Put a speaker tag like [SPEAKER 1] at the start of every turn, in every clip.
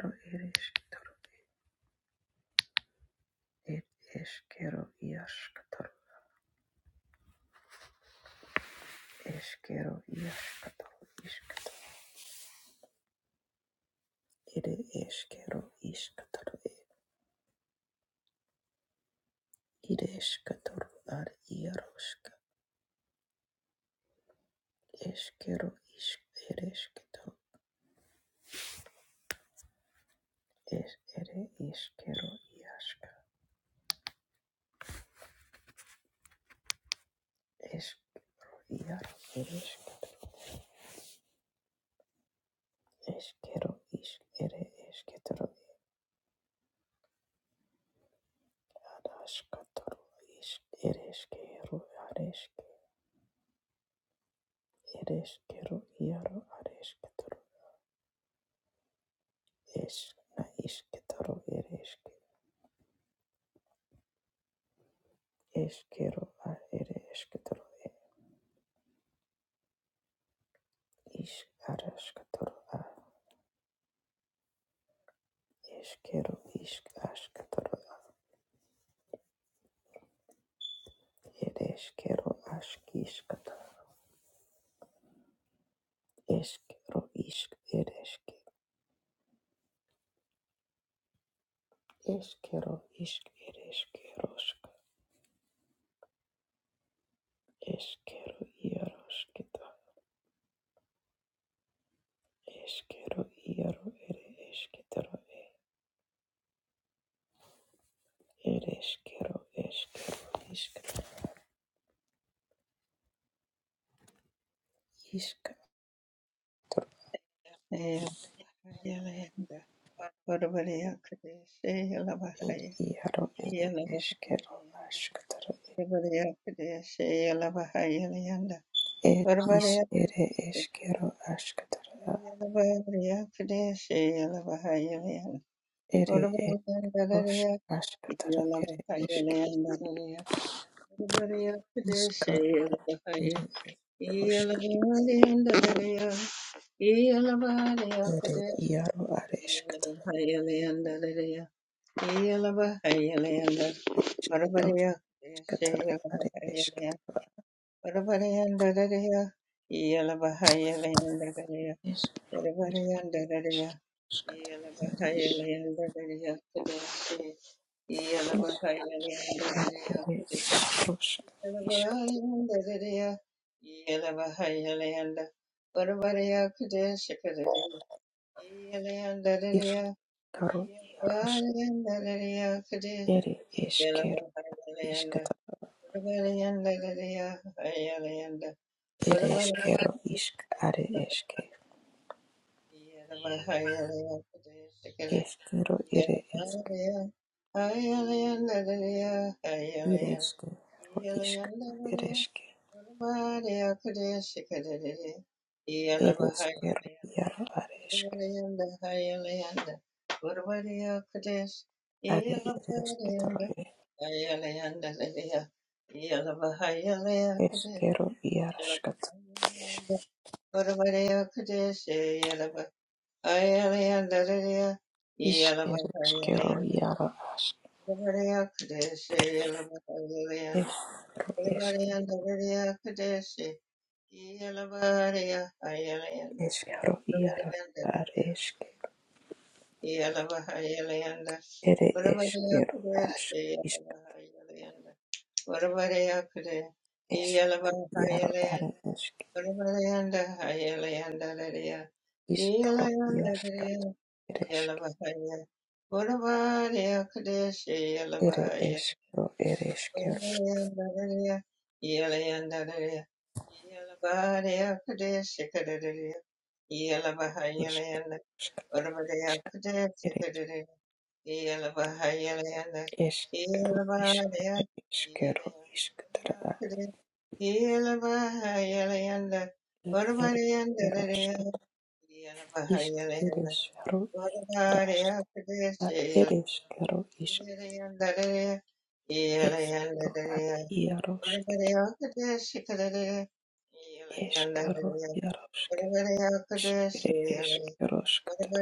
[SPEAKER 1] Ro ereshkitaro er eshkero iashkataro eshkero iashkataro ishkataro ere eshkero ishkataro ere eshkataro ar iaroshka eshkero ishk ereshkitaro es ere eshkero iashka eshk iaro ereshka eshkero ishk ere eshkitaro arashkataro ishk ereshkero areshk ereshkero iaro areshkataro Eshkna ishketoro ere eshke eshkero a ere eshketoro e ishk arashketoro a eshkero ishk ashketoro a ere eshkero ashk ishketoro eshkero ishk ere eshke eshkero ishk ere eshkero shk eshkero iaroshketo eshkero iaro ere eshketoro e ere eshkero eshkero ishk
[SPEAKER 2] Yelanda, Barbaria Kadesh,
[SPEAKER 1] ed
[SPEAKER 2] Yelavahaya,
[SPEAKER 1] iaro ed eskero
[SPEAKER 2] Yelavahayalanda,
[SPEAKER 1] askatara
[SPEAKER 2] Barbaria Kadesh, Yelavahayalanda,
[SPEAKER 1] ed is
[SPEAKER 2] Barbaria
[SPEAKER 1] ere
[SPEAKER 2] Kadesh,
[SPEAKER 1] eskero askatara
[SPEAKER 2] Yelavahaya Kadesh, Yelavahayalanda,
[SPEAKER 1] ere
[SPEAKER 2] Barbaria
[SPEAKER 1] eros
[SPEAKER 2] Kadesh,
[SPEAKER 1] askatara
[SPEAKER 2] Yelavahayalanda,
[SPEAKER 1] ere
[SPEAKER 2] Barbaria Kadesh,
[SPEAKER 1] esk
[SPEAKER 2] Yelavahaya, Yelavahayalanda, Barbaria Kadesh,
[SPEAKER 1] iskaro ere rosk ere iaro are eskatara
[SPEAKER 2] Yelavahayalanda, Yeah.
[SPEAKER 1] ros eskatara are eskatara es ere esk askatara ere is is are ere eros isk ir karo iaros ere eskero
[SPEAKER 2] Yeah.
[SPEAKER 1] Ere eškero išk are eške eškero ere eške ir eške ro išk ir eške ir eškero iaro are eške
[SPEAKER 2] Urvariyanda hayalayanda Urvariya Kadesh
[SPEAKER 1] are ir eške taro
[SPEAKER 2] Yelavariyanda
[SPEAKER 1] ir
[SPEAKER 2] Hayalayanda Liliya Yelavahayalaya Kadesh
[SPEAKER 1] eškero iaro škat
[SPEAKER 2] Yelavahayalayanda Urvariya Kadesh Yelavahayalayanda Liliya
[SPEAKER 1] iš ir eškero
[SPEAKER 2] Yelavahayalayanda
[SPEAKER 1] iaro aš
[SPEAKER 2] Urvariya Kadesh Yelavahayalayanda
[SPEAKER 1] eškero eške
[SPEAKER 2] Urvariyanda Liliya Kadesh Yelavariya Hayalayanda
[SPEAKER 1] eškero iaro are eške
[SPEAKER 2] Yalabahayalayanda.
[SPEAKER 1] ir eškero
[SPEAKER 2] Uravareyakudeshi
[SPEAKER 1] aš išk
[SPEAKER 2] Yalabahayalayanda. Uravareyakude.
[SPEAKER 1] eškero iaro
[SPEAKER 2] Yalabahayalayanda.
[SPEAKER 1] are eške
[SPEAKER 2] Uravareyanda Hayalayanda Lareya.
[SPEAKER 1] iškaro
[SPEAKER 2] Yalayanda
[SPEAKER 1] iaro
[SPEAKER 2] Lareya.
[SPEAKER 1] škat
[SPEAKER 2] Yalabahaya. Uravareyakudeshi
[SPEAKER 1] Ere
[SPEAKER 2] Yalabahaya.
[SPEAKER 1] eskero, ere eskero,
[SPEAKER 2] Uravareyanda Lareya. Yalayanda Lareya. Yalabahayakudeshi Kadadariya.
[SPEAKER 1] isk,
[SPEAKER 2] Yalabahayalayanda.
[SPEAKER 1] iskata, isk, ere
[SPEAKER 2] Uravareyakudeshi yeah.
[SPEAKER 1] eskero, isk, ere eskero, isk, tara, ere eskero, iskata, isk, ere eskero, jaras, ad ere eskero, isk, eskero, ad iarosketa, eskero, jaroske, isk, ere eskero, skatara,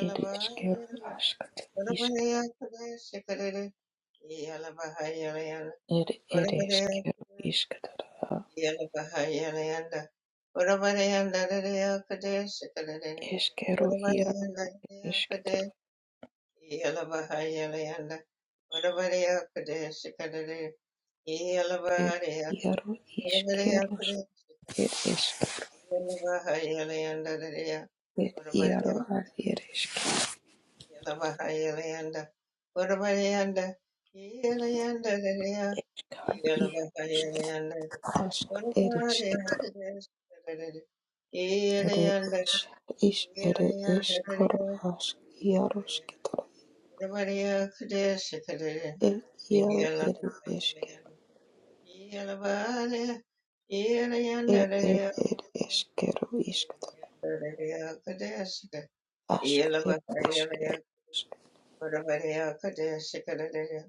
[SPEAKER 1] ere eskero, askata, iskata, ere ere eskero, iskatara, eskero, iarosketa, ir iaro iskeros. ir esque, ir iaro ar ir esque,
[SPEAKER 2] Yelabahayalanda, Udabayanda, Yelayanda, Dadaya,
[SPEAKER 1] escaro iarosque,
[SPEAKER 2] Yelabahayalanda,
[SPEAKER 1] ask ir
[SPEAKER 2] Udabaya,
[SPEAKER 1] esquetara,
[SPEAKER 2] Dadada,
[SPEAKER 1] ir
[SPEAKER 2] Yelayanda,
[SPEAKER 1] is ir
[SPEAKER 2] Yelayanda,
[SPEAKER 1] escoro
[SPEAKER 2] Dadaya,
[SPEAKER 1] ask iarosquetara,
[SPEAKER 2] Udabaya, Kadesh, Kadada,
[SPEAKER 1] ir iaro ir esque,
[SPEAKER 2] Yelabahayalanda, Yelabahaya, Yelayanda,
[SPEAKER 1] ir ir
[SPEAKER 2] Dadaya,
[SPEAKER 1] ir esquero
[SPEAKER 2] Yelayanda,
[SPEAKER 1] isquetara,
[SPEAKER 2] Dadaya, Kadesh,
[SPEAKER 1] ask ir
[SPEAKER 2] Yelabahayalanda,
[SPEAKER 1] esquero,
[SPEAKER 2] Udabaya, Kadesh, Kadada,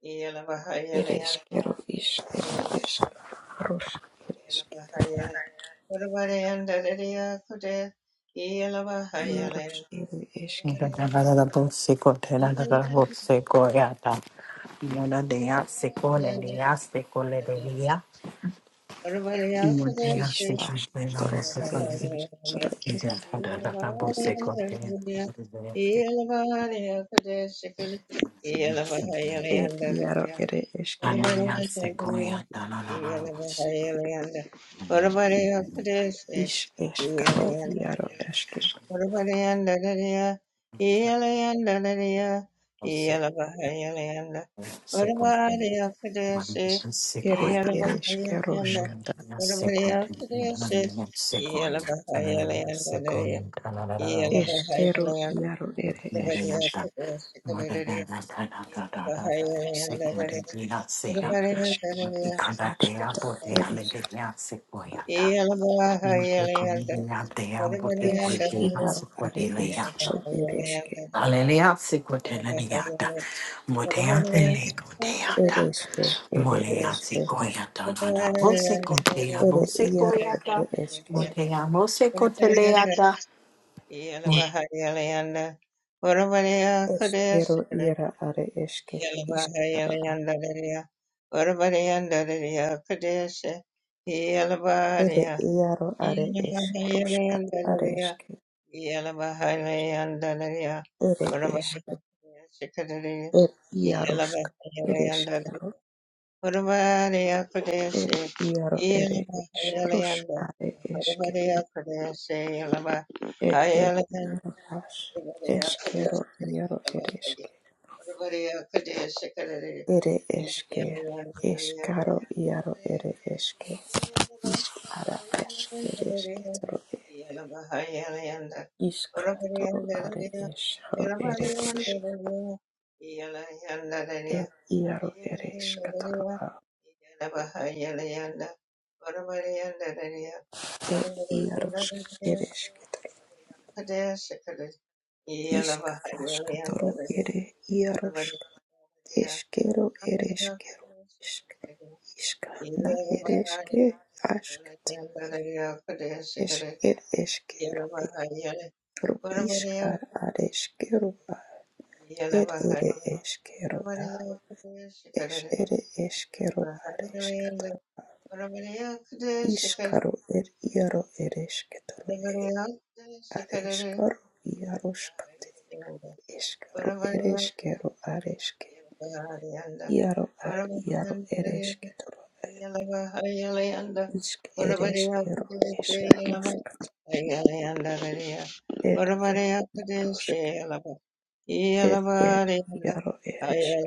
[SPEAKER 2] Yeah.
[SPEAKER 1] ir esquero isquero esque, rosk ir esque, iaros ir esque,
[SPEAKER 3] Sequoia,
[SPEAKER 1] Ishtash toro are ish toro e er iaro ere eske
[SPEAKER 2] Yellow
[SPEAKER 1] ish eskaro iaro eske ere ere eskero
[SPEAKER 3] Hallelujah.
[SPEAKER 1] skata eskero iaro ere eske ere
[SPEAKER 2] Yellow
[SPEAKER 1] ish ish askata ere ish iaro are ish ro ere eske ere eske ere
[SPEAKER 3] Moleatsi
[SPEAKER 1] eske
[SPEAKER 3] koyata nada. Mose kotea,
[SPEAKER 1] ere
[SPEAKER 3] mose
[SPEAKER 1] iaro
[SPEAKER 3] koyata.
[SPEAKER 1] ere eske
[SPEAKER 3] Motea, mose koteleata.
[SPEAKER 1] eskero iara are eske ish Ere iaro are
[SPEAKER 2] Yeah.
[SPEAKER 1] eskaroska are eske ere eske er iaroska ere eskero er iaro ere eskaroska are eske er er iaro as eskero iaro ere eske ere eske eskaro iaro
[SPEAKER 2] Yeah.
[SPEAKER 1] ere eske isk ara es ere eske e iskatoro are eskaro ere eske er iaro ere eskatoro ir iarosk eresketa isk askatoro ere iarosk eskero ereskero isk iska na ereske
[SPEAKER 2] Ora
[SPEAKER 1] askata es er eskero eskero isk ar areskero a er ere eskero a es ere eskero areskatoro iskaro er iaro eresketoro areskaro iaroskate eskaro ereskero areske Iaro ad iaro eresketoro isk ereskero eskaroskot ed ed rosk ed ed iaro eresk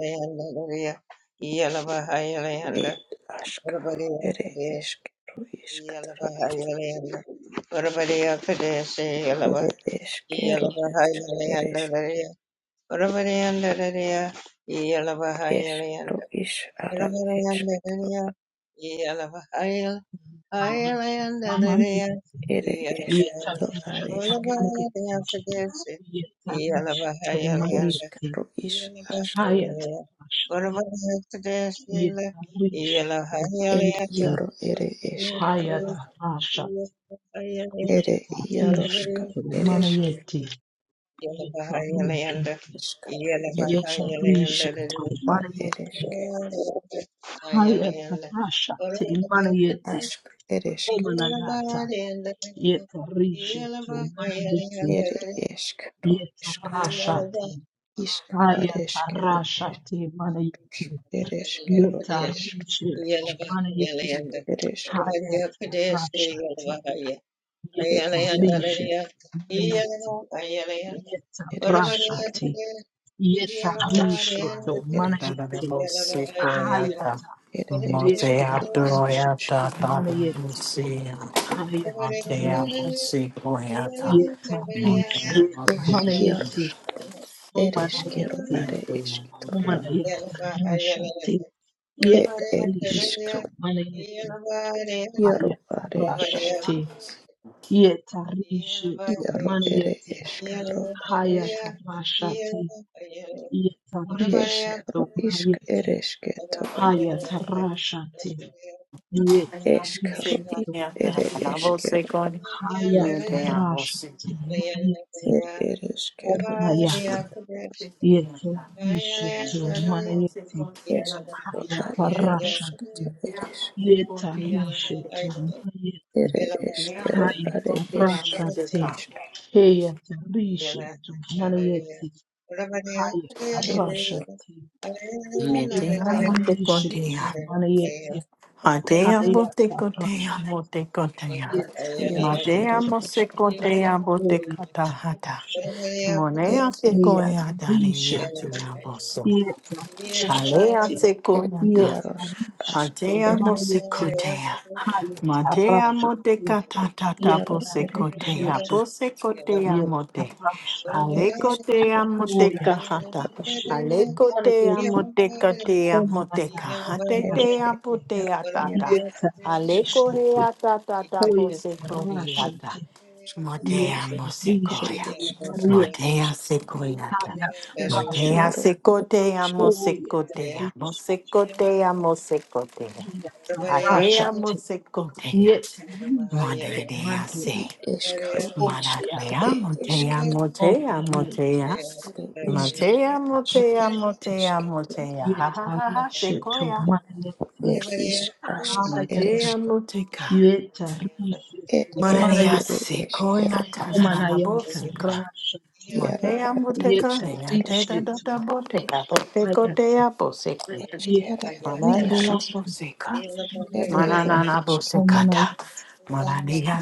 [SPEAKER 1] ed askaro ere
[SPEAKER 2] Yalaba,
[SPEAKER 1] eskero iskatoro ere eskero isk eresk eskaro is ara esketoro
[SPEAKER 2] Yellow
[SPEAKER 1] ere eskero ad esketoro eskaro is askatoro ed iaro ere eskero a ere iaroska eresk Ishkato eres ishkato ar ereshke, ashk
[SPEAKER 2] yeah.
[SPEAKER 1] ereshketo,
[SPEAKER 4] Omanagata, Yetarisha tu mana yeti,
[SPEAKER 1] ere eskero, iskato,
[SPEAKER 4] yetarashati
[SPEAKER 1] ishkato, ishk areshkero, esh,
[SPEAKER 4] hayatarashati mana yeti
[SPEAKER 1] ereshkero, eshk,
[SPEAKER 4] yetarishetu
[SPEAKER 1] ishk,
[SPEAKER 4] mana yeti
[SPEAKER 1] ishk ereshke,
[SPEAKER 4] hayatarashati
[SPEAKER 1] er iaro,
[SPEAKER 4] yetarishetu mana yeti
[SPEAKER 1] ereshkero,
[SPEAKER 4] yetarashati
[SPEAKER 1] ashkaroshk,
[SPEAKER 4] yetarishetu mana
[SPEAKER 1] ereshk,
[SPEAKER 4] yeti
[SPEAKER 3] Mose koyata.
[SPEAKER 4] hayata
[SPEAKER 1] er
[SPEAKER 3] Motea
[SPEAKER 1] ereshkero, ashk,
[SPEAKER 4] yetarishetu
[SPEAKER 3] troyata, tada
[SPEAKER 4] mana yeti
[SPEAKER 3] musia. Motea,
[SPEAKER 4] hayatarashati
[SPEAKER 3] mose koyata. Motea,
[SPEAKER 4] yetarishetu
[SPEAKER 1] esh,
[SPEAKER 4] mana
[SPEAKER 3] mose koyata.
[SPEAKER 4] yeti
[SPEAKER 1] iaroshk,
[SPEAKER 4] mana
[SPEAKER 1] ereshkero,
[SPEAKER 4] yeti
[SPEAKER 1] are
[SPEAKER 3] Motea, mose
[SPEAKER 1] eshketoro,
[SPEAKER 4] Mana
[SPEAKER 3] koyata.
[SPEAKER 4] ya tarasha te
[SPEAKER 1] a- er,
[SPEAKER 4] yeta
[SPEAKER 1] er,
[SPEAKER 4] rishe
[SPEAKER 1] ishk,
[SPEAKER 4] to mana yete
[SPEAKER 1] iaro,
[SPEAKER 4] hayata
[SPEAKER 1] are
[SPEAKER 4] rasha
[SPEAKER 1] eshk,
[SPEAKER 4] te yeta rishe to
[SPEAKER 1] iaro,
[SPEAKER 4] mana
[SPEAKER 1] ere
[SPEAKER 4] yete
[SPEAKER 2] Yeah.
[SPEAKER 1] eshkero,
[SPEAKER 4] hayata rasha te yeta rishe
[SPEAKER 1] Eskero
[SPEAKER 4] to mana
[SPEAKER 1] ishk
[SPEAKER 4] yete
[SPEAKER 1] eresketoro
[SPEAKER 4] hayata rasha te yeta
[SPEAKER 3] Motea,
[SPEAKER 1] eskero
[SPEAKER 4] rishe to
[SPEAKER 1] ishk
[SPEAKER 4] mana
[SPEAKER 1] ere
[SPEAKER 4] yete
[SPEAKER 3] mose
[SPEAKER 1] eskero
[SPEAKER 3] koyata.
[SPEAKER 4] hayata
[SPEAKER 3] Motea,
[SPEAKER 4] rasha
[SPEAKER 3] mose
[SPEAKER 4] te mana yete
[SPEAKER 1] er ereskero
[SPEAKER 4] omana
[SPEAKER 1] ishk
[SPEAKER 4] yata yeta
[SPEAKER 3] koyata.
[SPEAKER 4] rishe
[SPEAKER 3] Me
[SPEAKER 4] to
[SPEAKER 3] te
[SPEAKER 4] mana
[SPEAKER 3] amo, te
[SPEAKER 4] yete
[SPEAKER 3] contea. A
[SPEAKER 1] eskero a
[SPEAKER 4] hayata rasha
[SPEAKER 1] iarosketa
[SPEAKER 3] te amo,
[SPEAKER 1] eresk
[SPEAKER 3] te contea, mo
[SPEAKER 4] Yetarishe
[SPEAKER 3] te
[SPEAKER 4] to
[SPEAKER 3] contea.
[SPEAKER 4] Marieti
[SPEAKER 1] ere
[SPEAKER 2] Yeah.
[SPEAKER 3] Ma te
[SPEAKER 1] eskero
[SPEAKER 3] amo,
[SPEAKER 1] are esk
[SPEAKER 4] Hayatarashate Heyatarishe
[SPEAKER 2] yeah,
[SPEAKER 4] to
[SPEAKER 2] yeah,
[SPEAKER 4] Marieti
[SPEAKER 1] ereskero
[SPEAKER 4] Hayatarashate Oyatarishe to Marieti Hayatarashate
[SPEAKER 1] iaro
[SPEAKER 4] Yetarishe
[SPEAKER 1] ere
[SPEAKER 4] to
[SPEAKER 3] se
[SPEAKER 1] esk
[SPEAKER 3] contea, mo te catahata.
[SPEAKER 4] Oyatarishe
[SPEAKER 1] er
[SPEAKER 3] Monea se
[SPEAKER 1] er
[SPEAKER 3] coea, dani,
[SPEAKER 4] Heyatarishe
[SPEAKER 1] ekero
[SPEAKER 3] ya te
[SPEAKER 4] to
[SPEAKER 3] amo, so. Alea
[SPEAKER 4] Yetarashate
[SPEAKER 3] se
[SPEAKER 1] er
[SPEAKER 3] coya da.
[SPEAKER 1] iarosk
[SPEAKER 4] Yetarishe
[SPEAKER 1] ask
[SPEAKER 4] to
[SPEAKER 3] Hatea
[SPEAKER 1] er
[SPEAKER 4] Marieti
[SPEAKER 3] mosekotea. Matea
[SPEAKER 4] Hayatarashate
[SPEAKER 3] moteka
[SPEAKER 1] er
[SPEAKER 3] tatata
[SPEAKER 4] yet
[SPEAKER 1] iaro ere
[SPEAKER 3] posekotea.
[SPEAKER 4] Parishito,
[SPEAKER 1] iarosk
[SPEAKER 2] yeah,
[SPEAKER 3] Posekotea
[SPEAKER 4] yet
[SPEAKER 3] mote.
[SPEAKER 4] Harashatis,
[SPEAKER 2] yeah.
[SPEAKER 1] ereskero
[SPEAKER 3] Alekotea
[SPEAKER 1] ish
[SPEAKER 3] moteka
[SPEAKER 2] Yeah.
[SPEAKER 3] hata.
[SPEAKER 1] aresketoro
[SPEAKER 4] Hoyatishito,
[SPEAKER 3] Alekotea
[SPEAKER 4] Manayeti,
[SPEAKER 3] moteka tea moteka.
[SPEAKER 4] Homanayata,
[SPEAKER 1] ere
[SPEAKER 3] Hatetea
[SPEAKER 4] Rashati,
[SPEAKER 1] ekero
[SPEAKER 3] potea tata.
[SPEAKER 1] iaro
[SPEAKER 4] yet Parishito,
[SPEAKER 3] Alekohea tatata
[SPEAKER 4] Hoyat
[SPEAKER 3] posekoreata.
[SPEAKER 4] Rashati,
[SPEAKER 3] Motea
[SPEAKER 4] yet
[SPEAKER 1] ere
[SPEAKER 3] mosekoya.
[SPEAKER 4] Parishito,
[SPEAKER 1] eskero
[SPEAKER 4] Manayeti,
[SPEAKER 3] Motea sekoyata.
[SPEAKER 4] Hayata
[SPEAKER 3] Magia
[SPEAKER 1] eskiaro
[SPEAKER 4] Rashati,
[SPEAKER 1] ere
[SPEAKER 3] secotea,
[SPEAKER 4] Hoyat
[SPEAKER 3] mosecotea,
[SPEAKER 4] Parishito,
[SPEAKER 3] mosecotea, mosecotea.
[SPEAKER 4] Hayata
[SPEAKER 3] Adea,
[SPEAKER 4] Rashati,
[SPEAKER 3] mosecotea.
[SPEAKER 4] yet Parishito,
[SPEAKER 3] Monadea se.
[SPEAKER 4] Manayeti,
[SPEAKER 1] eskaro iskaro
[SPEAKER 4] Homanayata,
[SPEAKER 3] Manadea,
[SPEAKER 1] e
[SPEAKER 3] motea,
[SPEAKER 1] esketo
[SPEAKER 3] motea,
[SPEAKER 4] Homanayeti,
[SPEAKER 3] motea.
[SPEAKER 1] ere eskero
[SPEAKER 3] Motea,
[SPEAKER 1] iske
[SPEAKER 3] motea,
[SPEAKER 4] Umarati
[SPEAKER 3] motea,
[SPEAKER 1] esketo
[SPEAKER 3] motea. Ha ha ha ha,
[SPEAKER 4] yetarishetu
[SPEAKER 3] sequoia.
[SPEAKER 1] ed
[SPEAKER 4] mayeti
[SPEAKER 1] is ask ere
[SPEAKER 4] hayata
[SPEAKER 3] Motea,
[SPEAKER 1] eske
[SPEAKER 3] moteca.
[SPEAKER 1] ed
[SPEAKER 4] yetarishetu
[SPEAKER 2] Yeah.
[SPEAKER 1] ed
[SPEAKER 3] Monadea
[SPEAKER 1] ere
[SPEAKER 4] mayeti
[SPEAKER 1] eskero
[SPEAKER 3] sequoia, tanana
[SPEAKER 4] homanayata
[SPEAKER 3] bosica.
[SPEAKER 4] rashati
[SPEAKER 1] iaro
[SPEAKER 3] Motea,
[SPEAKER 1] are
[SPEAKER 3] moteca, lea,
[SPEAKER 1] esketoro e
[SPEAKER 3] teta,
[SPEAKER 4] yetarishetu
[SPEAKER 3] dota, botea,
[SPEAKER 4] hayata
[SPEAKER 3] botecotea,
[SPEAKER 1] eskero iarosk
[SPEAKER 3] Manana
[SPEAKER 4] yetarishetu
[SPEAKER 3] Boseka,
[SPEAKER 1] ed ere
[SPEAKER 4] mayeti
[SPEAKER 3] Manana
[SPEAKER 1] eskero
[SPEAKER 3] Bosekata,
[SPEAKER 4] homanaya
[SPEAKER 3] Manania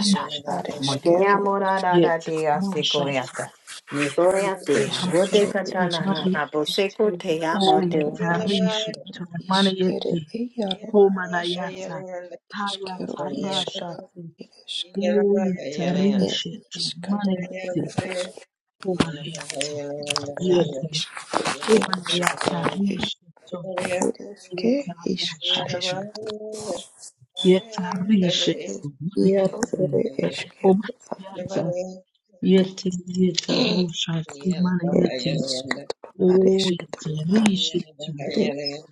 [SPEAKER 1] isk are eskero
[SPEAKER 3] Motea
[SPEAKER 1] isk
[SPEAKER 3] Morada dea
[SPEAKER 4] yetarashati
[SPEAKER 3] Sequoiata, Nicoya dea,
[SPEAKER 1] isk ere
[SPEAKER 4] yetarashati
[SPEAKER 3] Bodecatana,
[SPEAKER 1] eskero
[SPEAKER 4] mayeti
[SPEAKER 1] isk
[SPEAKER 3] Boseco
[SPEAKER 1] ere
[SPEAKER 3] tea,
[SPEAKER 4] o
[SPEAKER 3] Mote.
[SPEAKER 1] eskero askatoro
[SPEAKER 4] yetarishetu
[SPEAKER 1] is ere
[SPEAKER 4] manayeti
[SPEAKER 1] e, iaro
[SPEAKER 4] Homanayata
[SPEAKER 1] Iskero, išką
[SPEAKER 4] Hayatarashati
[SPEAKER 1] ir e, ir
[SPEAKER 4] Oyetarishetu
[SPEAKER 1] išką dabar ir
[SPEAKER 4] Manayete
[SPEAKER 1] išką
[SPEAKER 4] Homanayata
[SPEAKER 1] ar
[SPEAKER 4] Yete
[SPEAKER 1] išką ir išką
[SPEAKER 4] Homanayata Rishetu
[SPEAKER 1] ir išką išką ar
[SPEAKER 4] Yetarashati
[SPEAKER 1] išką
[SPEAKER 4] Yetarishetu
[SPEAKER 2] Yeah.
[SPEAKER 4] Manayete
[SPEAKER 1] e, ir iškėliau
[SPEAKER 4] Homanayata Yete Yetarushati
[SPEAKER 1] ir
[SPEAKER 4] Manayete
[SPEAKER 1] išką dabar ar išką dabar
[SPEAKER 4] Oyetarishetu
[SPEAKER 1] ir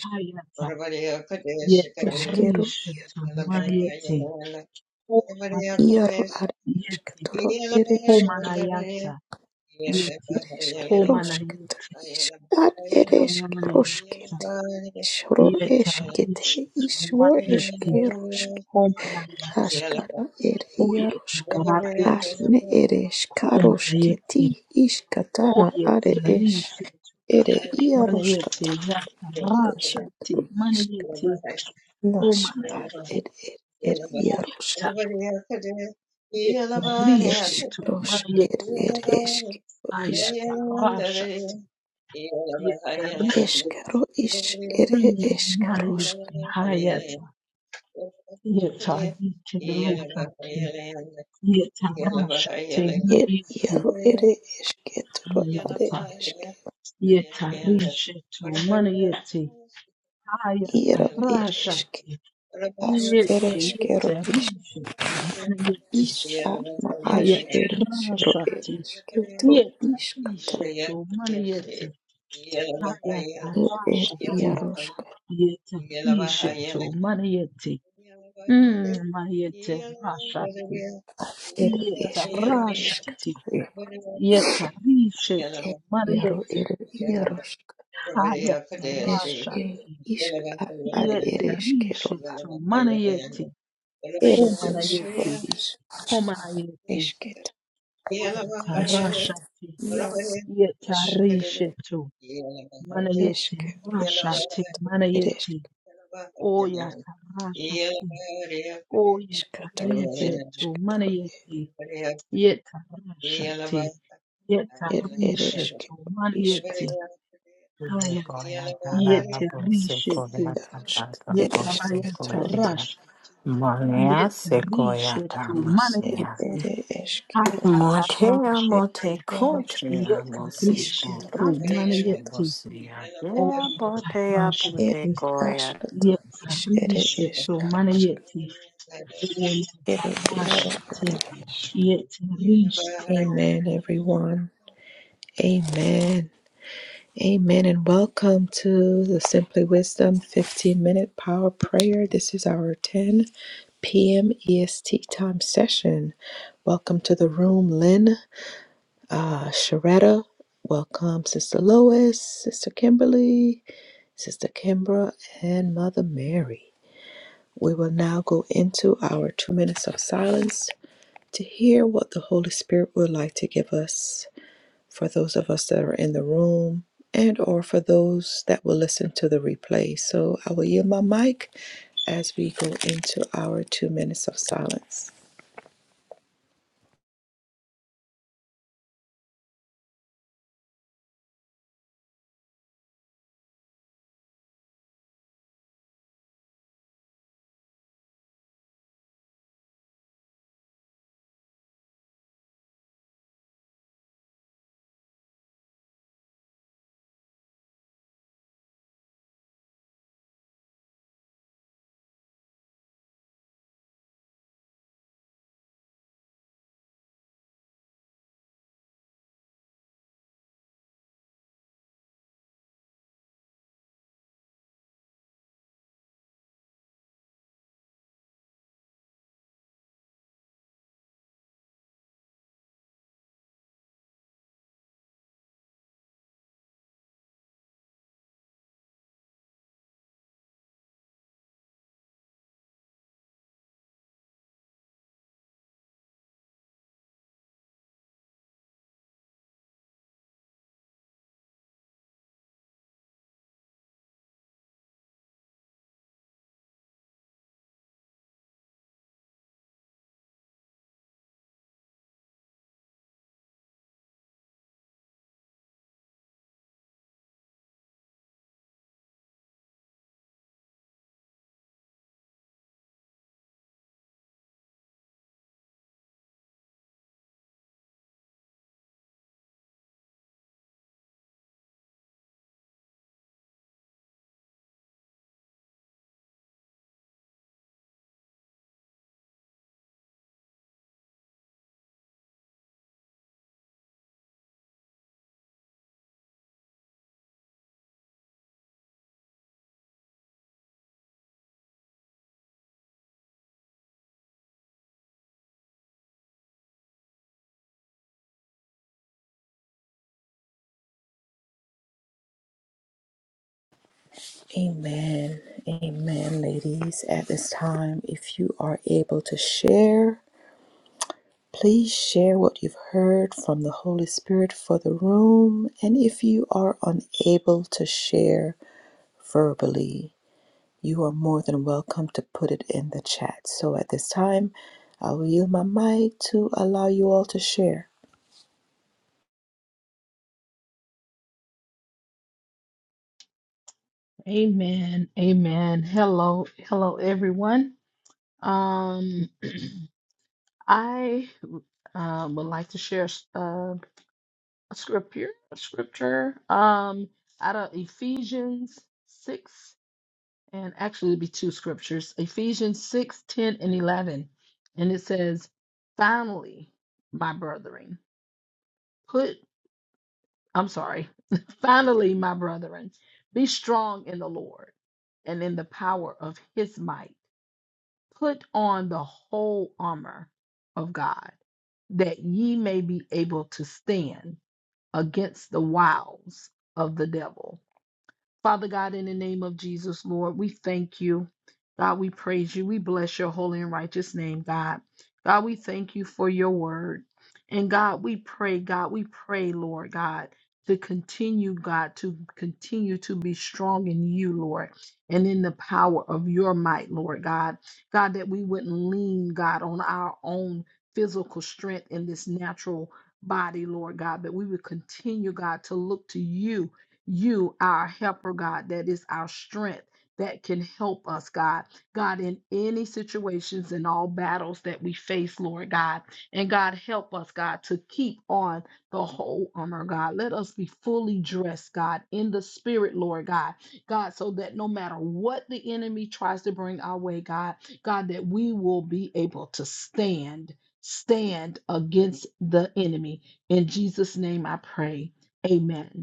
[SPEAKER 4] Hayata
[SPEAKER 1] iškėliau
[SPEAKER 4] Yetarishetu
[SPEAKER 1] išką
[SPEAKER 4] Manayete
[SPEAKER 1] ir ar išką
[SPEAKER 4] Yeti.
[SPEAKER 1] dabar ir iškėliau
[SPEAKER 4] Homanayata.
[SPEAKER 1] aš
[SPEAKER 4] Yeti.
[SPEAKER 1] ir iškėliau išką
[SPEAKER 4] Homanayeti.
[SPEAKER 1] išką ar ir
[SPEAKER 4] Homanayata. Yeta. Rishet. Homanayeti. Homanayata.
[SPEAKER 1] Ashkara ere
[SPEAKER 4] Oyeta.
[SPEAKER 1] yaroshka.
[SPEAKER 4] Homanayata.
[SPEAKER 1] Ashne ere shkaroshketi
[SPEAKER 4] Homanayeti.
[SPEAKER 1] ishkatana are
[SPEAKER 4] Oyeti.
[SPEAKER 1] esh.
[SPEAKER 4] Rishet.
[SPEAKER 1] Ere
[SPEAKER 4] Manayeti.
[SPEAKER 1] yaroshkata
[SPEAKER 4] Yata.
[SPEAKER 1] ere
[SPEAKER 4] Rashati.
[SPEAKER 1] shkaru ishka.
[SPEAKER 4] Manayeti.
[SPEAKER 1] Nash ar
[SPEAKER 4] Homanayeti.
[SPEAKER 1] ere ere ere
[SPEAKER 4] Oyata.
[SPEAKER 1] yaroshka.
[SPEAKER 4] Yeta.
[SPEAKER 1] Esh
[SPEAKER 4] Rishet.
[SPEAKER 1] rosh ere
[SPEAKER 4] Manayeti.
[SPEAKER 1] ere eshke ishke.
[SPEAKER 4] Ayata. Rashati. Yeta. Rishet.
[SPEAKER 1] Eshkaro ish ere
[SPEAKER 4] Hayeti,
[SPEAKER 1] eshkaroshka.
[SPEAKER 4] Hayata, Yeta, Yetarashati, Yetarashati,
[SPEAKER 1] Ere
[SPEAKER 4] Mayeti,
[SPEAKER 1] yaro ere eshketoro are
[SPEAKER 4] Hayata,
[SPEAKER 1] eshke.
[SPEAKER 4] Yetarishetu, Manayeti, Hayata,
[SPEAKER 1] Yero ere eshke.
[SPEAKER 4] Rashati,
[SPEAKER 1] Ash ere
[SPEAKER 4] Yeti,
[SPEAKER 1] eshkero
[SPEAKER 4] Yetarishetu, Manayeti,
[SPEAKER 1] Ish'ar ma'ash
[SPEAKER 2] Yeah.
[SPEAKER 4] Hayata,
[SPEAKER 1] eres ro
[SPEAKER 4] Rashati,
[SPEAKER 1] eres kilto ishkata
[SPEAKER 4] Yetarishetu, Manayeti, Hayata,
[SPEAKER 1] ed ed
[SPEAKER 4] Rashati,
[SPEAKER 1] iaroshka
[SPEAKER 4] Yetarishetu, Manayeti, Mm, Manayeti, Rashati.
[SPEAKER 1] ed eshkero ishkata
[SPEAKER 4] Yetarashati,
[SPEAKER 1] ed
[SPEAKER 4] yetarishetu,
[SPEAKER 1] ed iaro
[SPEAKER 4] manayeti,
[SPEAKER 1] ed iaroshka esh ed
[SPEAKER 4] hayatarashati,
[SPEAKER 1] ishkar ad ereshkero ad
[SPEAKER 4] yetarishetu, manayeti,
[SPEAKER 1] ed eshro
[SPEAKER 4] homanayeti,
[SPEAKER 1] ish
[SPEAKER 4] homanayeti,
[SPEAKER 1] eshket esh
[SPEAKER 2] Yeah.
[SPEAKER 4] hoyatarashati,
[SPEAKER 1] iaro ish
[SPEAKER 4] yetarishetu, manayeti,
[SPEAKER 1] eshkero
[SPEAKER 2] Okay,
[SPEAKER 1] ish
[SPEAKER 4] rashati, manayeti,
[SPEAKER 1] ereshk
[SPEAKER 4] oyatarashati,
[SPEAKER 1] ishkatoro
[SPEAKER 4] oyetarishetu,
[SPEAKER 1] ereshkatoro
[SPEAKER 4] manayeti, yetarashati,
[SPEAKER 1] ed
[SPEAKER 4] yetarishetu,
[SPEAKER 1] ereshkero
[SPEAKER 4] manayeti,
[SPEAKER 1] ishkata
[SPEAKER 4] Hayata yete
[SPEAKER 1] ed
[SPEAKER 4] rishetu
[SPEAKER 1] iaroshka
[SPEAKER 4] yete bayata
[SPEAKER 1] ereshkatoro
[SPEAKER 4] rashatu
[SPEAKER 3] Monea
[SPEAKER 4] yete rishetu mana
[SPEAKER 1] Ed
[SPEAKER 3] sequoia
[SPEAKER 4] yete
[SPEAKER 1] ere eskero
[SPEAKER 4] hayata
[SPEAKER 1] ask
[SPEAKER 3] Motea
[SPEAKER 1] ed
[SPEAKER 4] rashatu
[SPEAKER 3] mote
[SPEAKER 1] yarosk
[SPEAKER 3] cotea
[SPEAKER 4] yete
[SPEAKER 3] mosi
[SPEAKER 1] iskatoro
[SPEAKER 4] rishetu
[SPEAKER 1] ere
[SPEAKER 3] golata
[SPEAKER 4] mana
[SPEAKER 3] and
[SPEAKER 4] yete
[SPEAKER 1] eskatoro
[SPEAKER 3] mosia dea
[SPEAKER 4] oyata
[SPEAKER 3] botea
[SPEAKER 1] ed
[SPEAKER 4] rashatu
[SPEAKER 3] bote goya.
[SPEAKER 1] askata
[SPEAKER 4] yete
[SPEAKER 1] is ere
[SPEAKER 4] rishetu mana
[SPEAKER 1] eskarosk
[SPEAKER 4] yete oyata
[SPEAKER 1] ere yaro
[SPEAKER 4] rashatu
[SPEAKER 1] ere esk.
[SPEAKER 4] yete rishetu.
[SPEAKER 1] Amen, everyone. Amen. Amen, and welcome to the Simply Wisdom 15 minute power prayer. This is our 10 p.m. EST time session. Welcome to the room, Lynn. Uh, Sharetta, welcome. Sister Lois, Sister Kimberly, Sister Kimbra, and Mother Mary. We will now go into our two minutes of silence to hear what the Holy Spirit would like to give us for those of us that are in the room and or for those that will listen to the replay. So I will yield my mic as we go into our two minutes of silence. Amen. Amen, ladies. At this time, if you are able to share, please share what you've heard from the Holy Spirit for the room. And if you are unable to share verbally, you are more than welcome to put it in the chat. So at this time, I will yield my mic to allow you all to share.
[SPEAKER 4] Amen. Amen. Hello. Hello, everyone. Um. I uh, would like to share s- uh, a scripture, a scripture um, out of Ephesians 6, and actually it'd be two scriptures, Ephesians 6, 10, and 11. And it says, Finally, my brethren, put, I'm sorry, finally, my brethren, be strong in the Lord and in the power of his might. Put on the whole armor of God that ye may be able to stand against the wiles of the devil. Father God, in the name of Jesus, Lord, we thank you. God, we praise you. We bless your holy and righteous name, God. God, we thank you for your word. And God, we pray, God, we pray, Lord God, to continue, God, to continue to be strong in you, Lord, and in the power of your might, Lord God. God, that we wouldn't lean, God, on our own physical strength in this natural body, Lord God, but we would continue, God, to look to you you, our helper, God, that is our strength that can help us, God. God, in any situations and all battles that we face, Lord God. And God, help us, God, to keep on the whole armor, God. Let us be fully dressed, God, in the spirit, Lord God. God, so that no matter what the enemy tries to bring our way, God, God, that we will be able to stand, stand against the enemy. In Jesus' name I pray. Amen.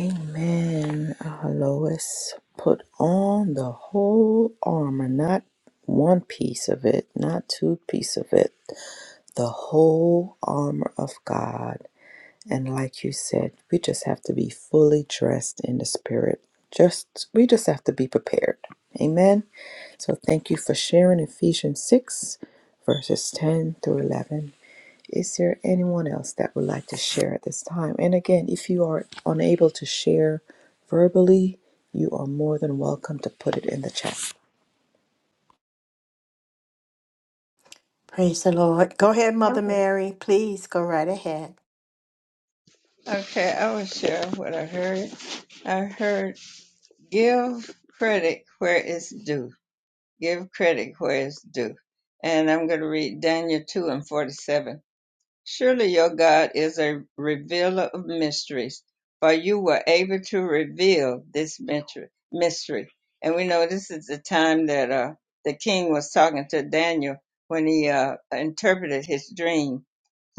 [SPEAKER 1] Amen. Uh, Lois, put on the whole armor, not one piece of it, not two piece of it, the whole armor of God. And like you said, we just have to be fully dressed in the spirit. Just we just have to be prepared. Amen. So thank you for sharing Ephesians 6 verses 10 through 11. Is there anyone else that would like to share at this time? And again, if you are unable to share verbally, you are more than welcome to put it in the chat.
[SPEAKER 3] Praise the Lord. Go ahead, Mother Mary. Please go right ahead.
[SPEAKER 2] I will share what I heard. I heard. give credit where it's due. Give credit where it's due. And I'm going to read Daniel 2 and 47. Surely your God is a revealer of mysteries, for you were able to reveal this mystery. mystery. And we know this is the time that uh, the king was talking to Daniel when he uh, interpreted his dream.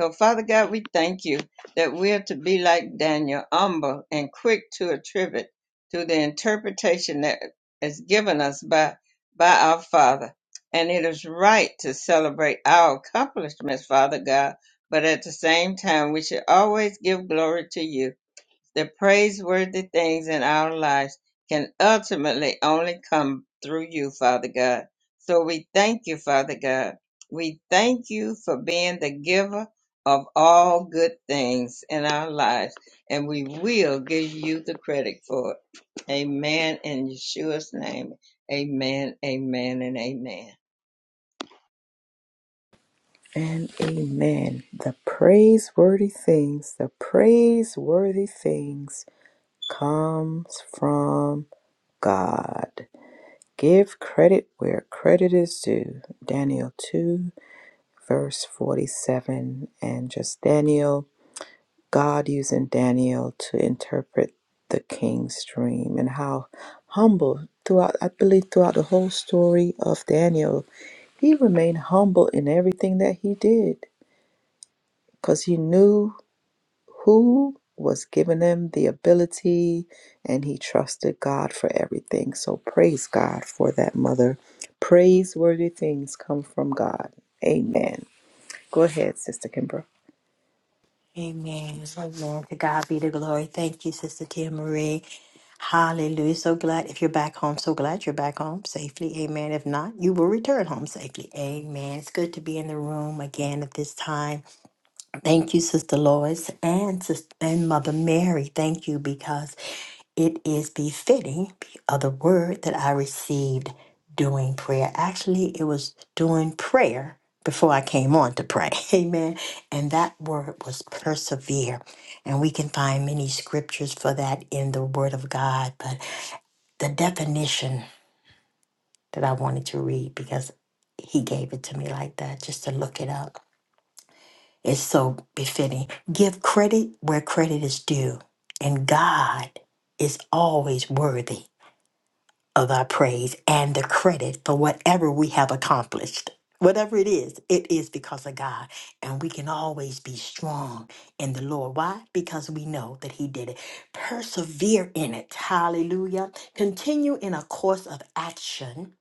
[SPEAKER 2] So, Father God, we thank you that we are to be like Daniel, humble and quick to attribute to the interpretation that is given us by, by our Father. And it is right to celebrate our accomplishments, Father God but at the same time, we should always give glory to you. The praiseworthy things in our lives can ultimately only come through you, Father God. So we thank you, Father God. We thank you for being the giver of all good things in our lives, and we will give you the credit for it. Amen. In Yeshua's name. Amen, amen, and amen.
[SPEAKER 1] And amen. The praiseworthy things, the praiseworthy things comes from God. Give credit where credit is due. Daniel 2, verse 47. And just Daniel God using Daniel to interpret the king's dream and how humble throughout I believe throughout the whole story of Daniel he remained humble in everything that he did because he knew who was giving him the ability and he trusted God for everything. So praise God for that mother. Praiseworthy things come from God. Amen. Go ahead, Sister Kimbra.
[SPEAKER 3] Amen. Amen. To God be the glory. Thank you, Sister Tia Marie. Hallelujah. So glad if you're back home. So glad you're back home safely. Amen. If not, you will return home safely. Amen. It's good to be in the room again at this time. Thank you, Sister Lois and Sister and Mother Mary. Thank you because It is befitting, the other word that I received during prayer. Actually, it was during prayer before I came on to pray. Amen. And that word was persevere. And we can find many scriptures for that in the Word of God. But the definition that I wanted to read, because he gave it to me like that, just to look it up, is so befitting. Give credit where credit is due. And God is always worthy. of our praise and the credit for whatever we have accomplished. Whatever it is, it is because of God. And we can always be strong in the Lord. Why? Because we know that He did it. Persevere in it. Hallelujah. Continue in a course of action,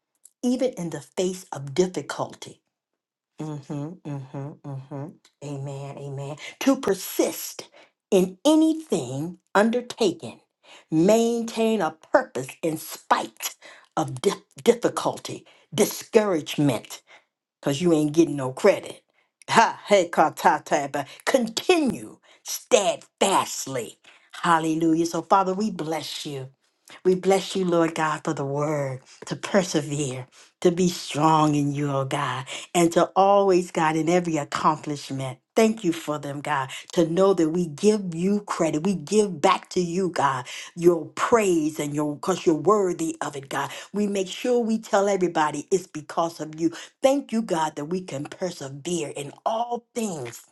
[SPEAKER 3] even in the face of difficulty Mm-hmm, mm-hmm, mm-hmm. Amen, amen. To persist in anything undertaken, maintain a purpose in spite of dif- difficulty, discouragement, because you ain't getting no credit. Ha, hey, ka, ta, ta, ba. continue steadfastly. Hallelujah. So, Father, we bless you. We bless you, Lord God, for the word to persevere, to be strong in you, oh God, and to always, God, in every accomplishment. Thank you for them, God, to know that we give you credit. We give back to you, God, your praise and your, because you're worthy of it, God. We make sure we tell everybody it's because of you. Thank you, God, that we can persevere in all things,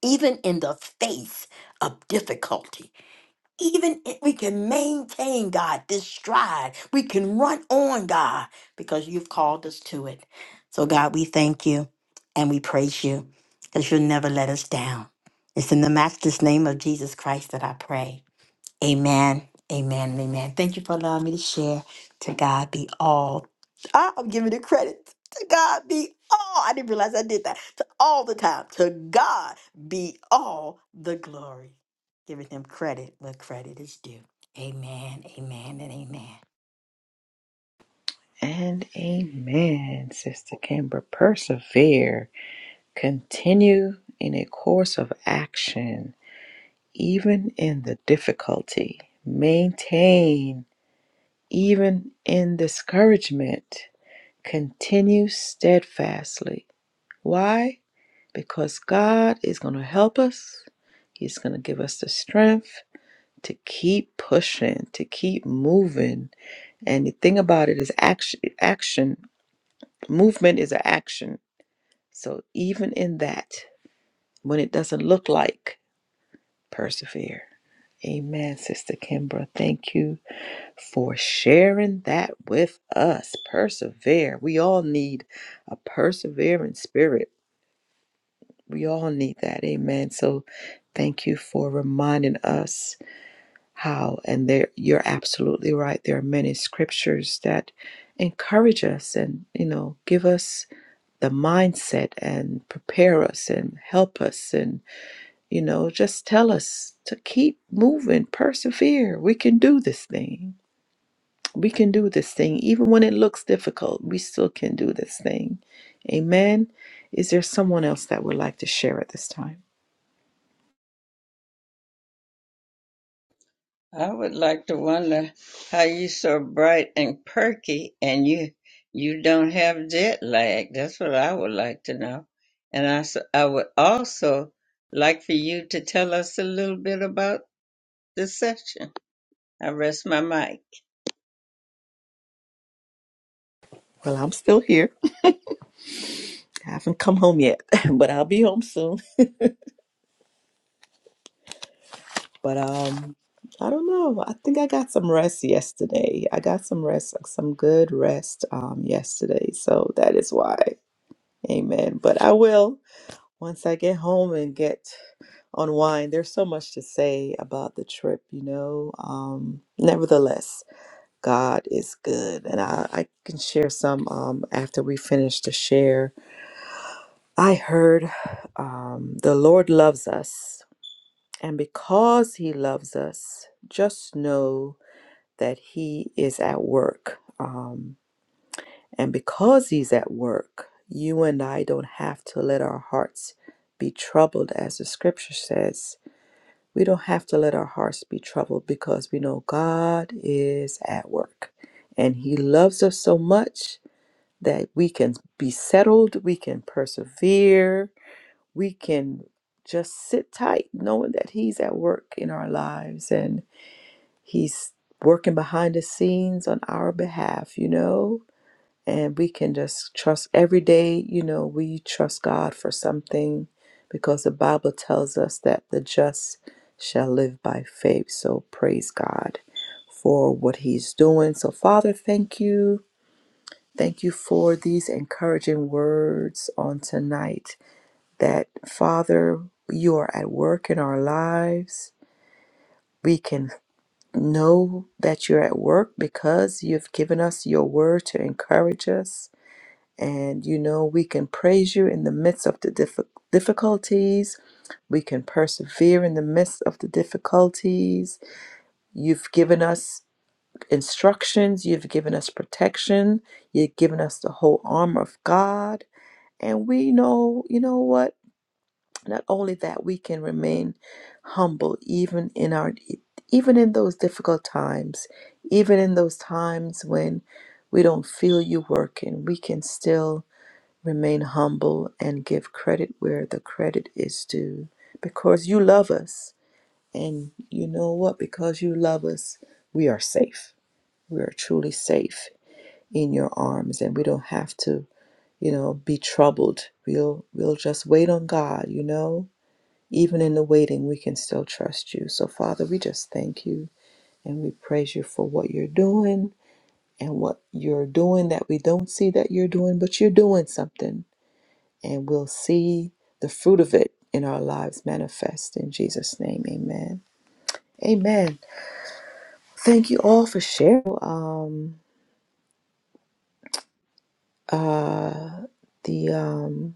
[SPEAKER 3] even in the face of difficulty even if we can maintain God, this stride, we can run on God because you've called us to it. So, God, we thank you and we praise you because you'll never let us down. It's in the matchless name of Jesus Christ that I pray. Amen. Amen. and Amen. Thank you for allowing me to share. To God be all. Ah, I'm giving the credit. To God be all. I didn't realize I did that. To all the time. To God be all the glory. Giving him credit where credit is due. Amen. Amen. And amen.
[SPEAKER 1] And amen, Sister Kimber. Persevere. Continue in a course of action, even in the difficulty. Maintain, even in discouragement. Continue steadfastly. Why? Because God is going to help us. He's going to give us the strength to keep pushing, to keep moving. And the thing about it is action, action. Movement is an action. So even in that, when it doesn't look like, persevere. Amen, Sister Kimbra. Thank you for sharing that with us. Persevere. We all need a persevering spirit. We all need that. Amen. So thank you for reminding us how, and there you're absolutely right. There are many scriptures that encourage us and you know give us the mindset and prepare us and help us and you know just tell us to keep moving persevere we can do this thing we can do this thing even when it looks difficult we still can do this thing amen is there someone else that would like to share at this time
[SPEAKER 2] I would like to wonder how you so bright and perky and you you don't have jet lag. That's what I would like to know. And I, s- I would also like for you to tell us a little bit about the session. I rest my mic.
[SPEAKER 1] Well, I'm still here. I haven't come home yet, but I'll be home soon. But um, I don't know. I think I got some rest yesterday. I got some rest, like, some good rest um, yesterday. So that is why. Amen. But I will once I get home and get unwind. There's so much to say about the trip, you know. Um, nevertheless, God is good, and I, I can share some um, after we finish the share. I heard um, the Lord loves us, and because He loves us, just know that He is at work. Um, And because he's at work, you and I don't have to let our hearts be troubled, as the scripture says. We don't have to let our hearts be troubled because we know God is at work. And he loves us so much that we can be settled, we can persevere, we can just sit tight knowing that he's at work in our lives and he's working behind the scenes on our behalf, you know? and we can just trust every day you know we trust god for something because the bible tells us that the just shall live by faith so praise god for what he's doing so father thank you thank you for these encouraging words on tonight that father you are at work in our lives we can know that you're at work because you've given us your word to encourage us and you know, we can praise you in the midst of the diffi- difficulties. We can persevere in the midst of the difficulties. You've given us instructions, you've given us protection, you've given us the whole armor of God. And we know, you know what? Not only that, we can remain humble even in our even in those difficult times, even in those times when we don't feel you working, we can still Remain humble and give credit where the credit is due because you love us. And you know what? Because you love us, we are safe. We are truly safe in your arms and we don't have to, you know, be troubled. We'll we'll just wait on God, you know? Even in the waiting, we can still trust you. So Father, we just thank you and we praise you for what you're doing and what you're doing that we don't see that you're doing, but you're doing something and we'll see the fruit of it in our lives manifest in Jesus' name. Amen. Amen. Thank you all for sharing. Um, uh, the um,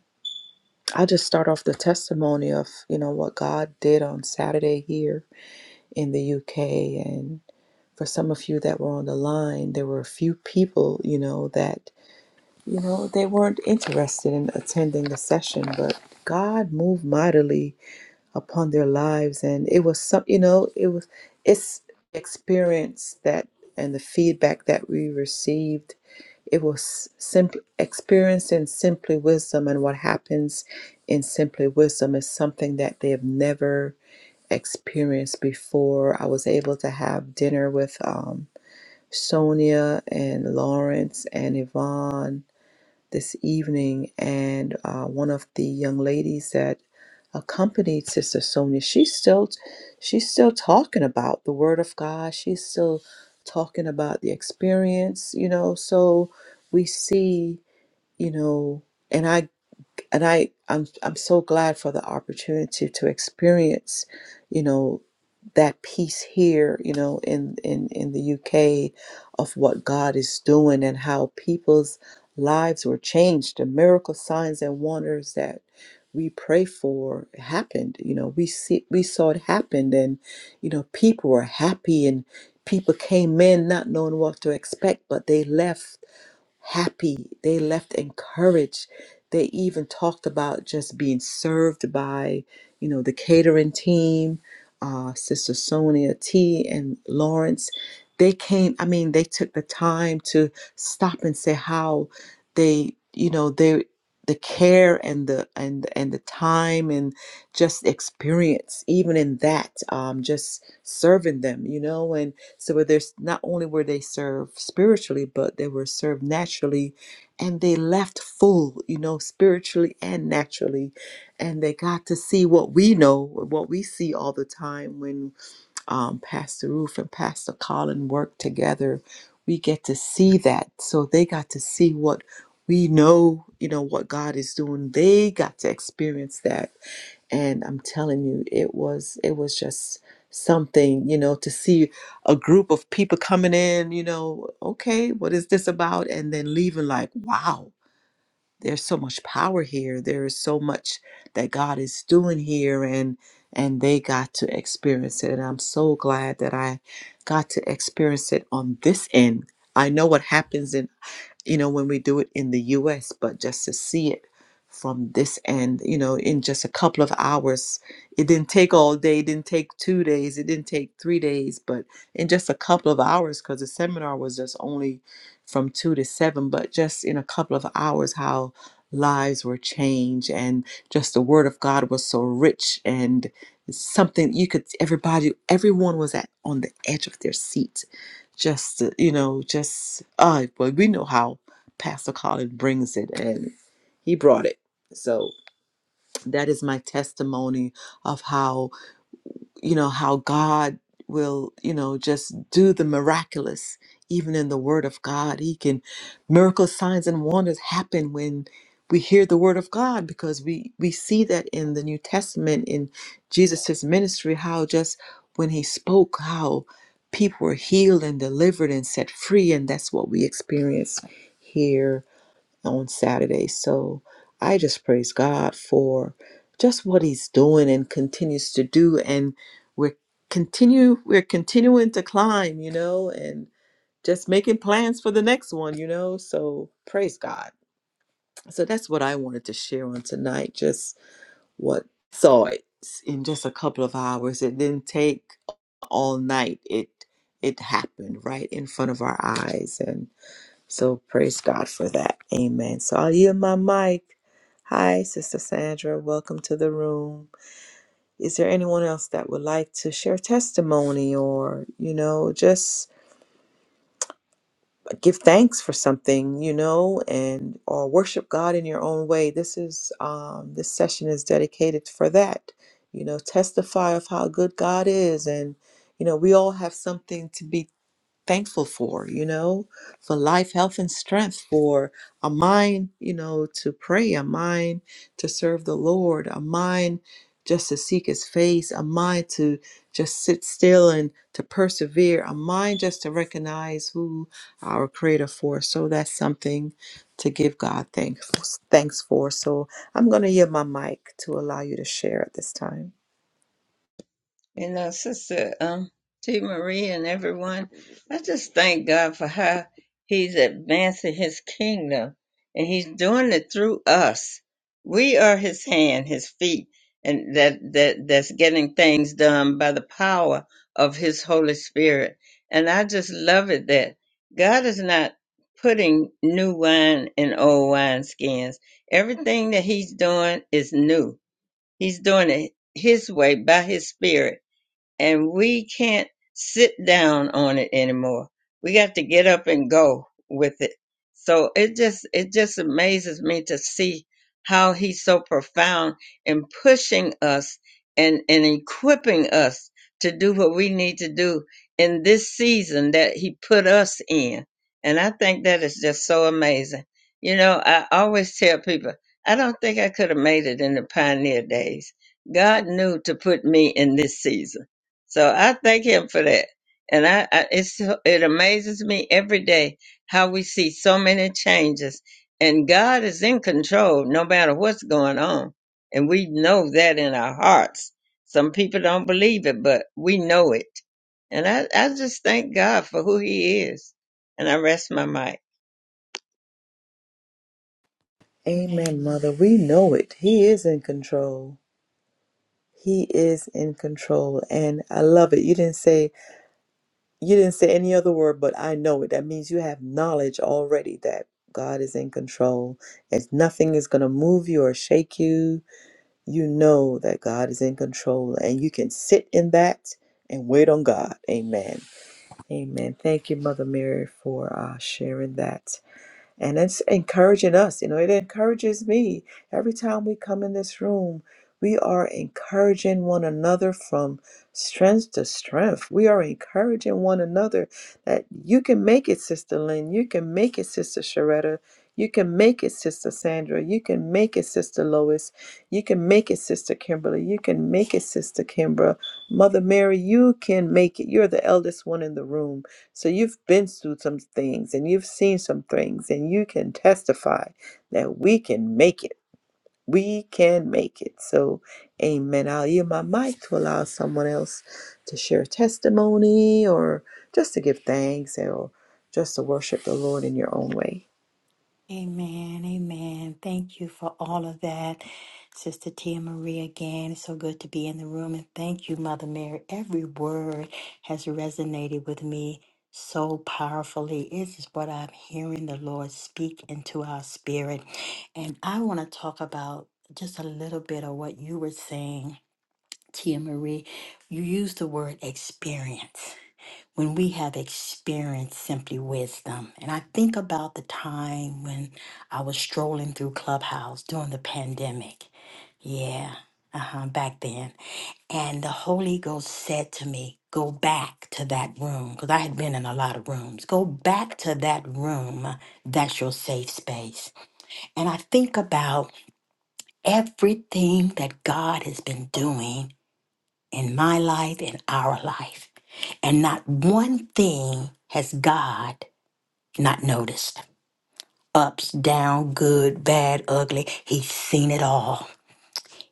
[SPEAKER 1] I'll just start off the testimony of you know what God did on Saturday here in the UK, and for some of you that were on the line, there were a few people you know that you know they weren't interested in attending the session, but God moved mightily upon their lives and it was some you know it was it's experience that and the feedback that we received it was simply experience in simply wisdom and what happens in simply wisdom is something that they have never experienced before i was able to have dinner with um, sonia and lawrence and yvonne this evening, and uh, one of the young ladies that accompanied Sister Sonia, she's still she's still talking about the Word of God. She's still talking about the experience, you know. So we see, you know, and I and I I'm I'm so glad for the opportunity to experience, you know, that peace here, you know, in in in the UK of what God is doing and how people's lives were changed, the miracle signs and wonders that we pray for happened. You know, we see we saw it happen and you know, people were happy and people came in not knowing what to expect, but they left happy. They left encouraged. They even talked about just being served by, you know, the catering team, uh, Sister Sonia T and Lawrence. They came, I mean, they took the time to stop and say how they, you know, they the care and the and and the time and just experience even in that um just serving them you know and. So where there's not only were they served spiritually, but they were served naturally and they left full, you know, spiritually and naturally. And they got to see what we know, what we see all the time when um, Pastor Ruth and Pastor Colin work together. We get to see that. So they got to see what we know, you know, what God is doing. They got to experience that and I'm telling you, it was it was just something, you know, to see a group of people coming in, you know, okay, what is this about? And then leaving like, wow, there's so much power here. There is so much that God is doing here and and they got to experience it. And I'm so glad that I got to experience it on this end. I know what happens in you know, when we do it in the US, but just to see it from this end, you know, in just a couple of hours. It didn't take all day, it didn't take two days, it didn't take three days, but in just a couple of hours, because the seminar was just only from two to seven, but just in a couple of hours, how lives were changed and just the word of God was so rich and something you could everybody everyone was at on the edge of their seat just to, you know just uh but we know how pastor colin brings it and he brought it so that is my testimony of how you know how god will you know just do the miraculous even in the word of god he can miracle signs and wonders happen when we hear the word of god because we we see that in the new testament in jesus' ministry how just when he spoke how people were healed and delivered and set free and that's what we experience here on Saturday. So I just praise God for just what He's doing and continues to do, and we're continue we're continuing to climb, you know, and just making plans for the next one, you know. So praise God. So that's what I wanted to share on tonight. Just what saw it in just a couple of hours. It didn't take all night. It it happened right in front of our eyes, and. So praise God for that. Amen. So I'll yield my mic. Hi, Sister Sandra. Welcome to the room. Is there anyone else that would like to share testimony or, you know, just give thanks for something, you know, and or worship God in your own way? This is um this session is dedicated for that. You know, testify of how good God is and you know, we all have something to be thankful for, you know, for life, health, and strength, for a mind, you know, to pray, a mind to serve the Lord, a mind just to seek his face, a mind to just sit still and to persevere, a mind just to recognize who our creator for. So that's something to give God thanks thanks for. So I'm gonna yield my mic to allow you to share at this time.
[SPEAKER 2] You know, Sister um, T. Marie and everyone, I just thank God for how He's advancing His kingdom and He's doing it through us. We are His hand, His feet, and that, that that's getting things done by the power of His Holy Spirit. And I just love it that God is not putting new wine in old wineskins. Everything that He's doing is new He's doing it His way by His Spirit and we can't sit down on it anymore. We got to get up and go with it. So it just it just amazes me to see how he's so profound in pushing us and and equipping us to do what we need to do in this season that he put us in. And I think that is just so amazing. You know, I always tell people, I don't think I could have made it in the pioneer days. God knew to put me in this season so I thank him for that. And I, I it's it amazes me every day how we see so many changes. And God is in control no matter what's going on. And we know that in our hearts. Some people don't believe it, but we know it. And I, I just thank God for who he is. And I rest my mic.
[SPEAKER 1] Amen,
[SPEAKER 3] Amen.
[SPEAKER 1] mother. We know it. He is in control. He is in control and I love it. You didn't say you didn't say any other word, but I know it. That means you have knowledge already that God is in control. And nothing is going to move you or shake you. You know that God is in control and you can sit in that and wait on God. Amen. Amen. Thank you, Mother Mary, for uh, sharing that and it's encouraging us you know it encourages me every time we come in this room we are encouraging one another from strength to strength we are encouraging one another that you can make it sister lynn you can make it sister sharetta you can make it sister sandra you can make it sister lois you can make it sister kimberly you can make it sister kimbra mother mary you can make it you're the eldest one in the room so you've been through some things and you've seen some things and you can testify that we can make it. We can make it. So, amen. I'll yield my mic to allow someone else to share a testimony or just to give thanks or just to worship the Lord in your own way.
[SPEAKER 3] Amen. Amen. Thank you for all of that, Sister Tia Marie. Again, it's so good to be in the room. And thank you, Mother Mary. Every word has resonated with me so powerfully. This is what I'm hearing the Lord speak into our spirit. And I want to talk about just a little bit of what you were saying, Tia Marie. You used the word experience when we have experienced simply wisdom. And I think about the time when I was strolling through Clubhouse during the pandemic. Yeah, uh-huh, back then. And the Holy Ghost said to me, Go back to that room, because I had been in a lot of rooms. Go back to that room. That's your safe space. And I think about everything that God has been doing in my life, in our life. And not one thing has God not noticed. Ups, down, good, bad, ugly. He's seen it all.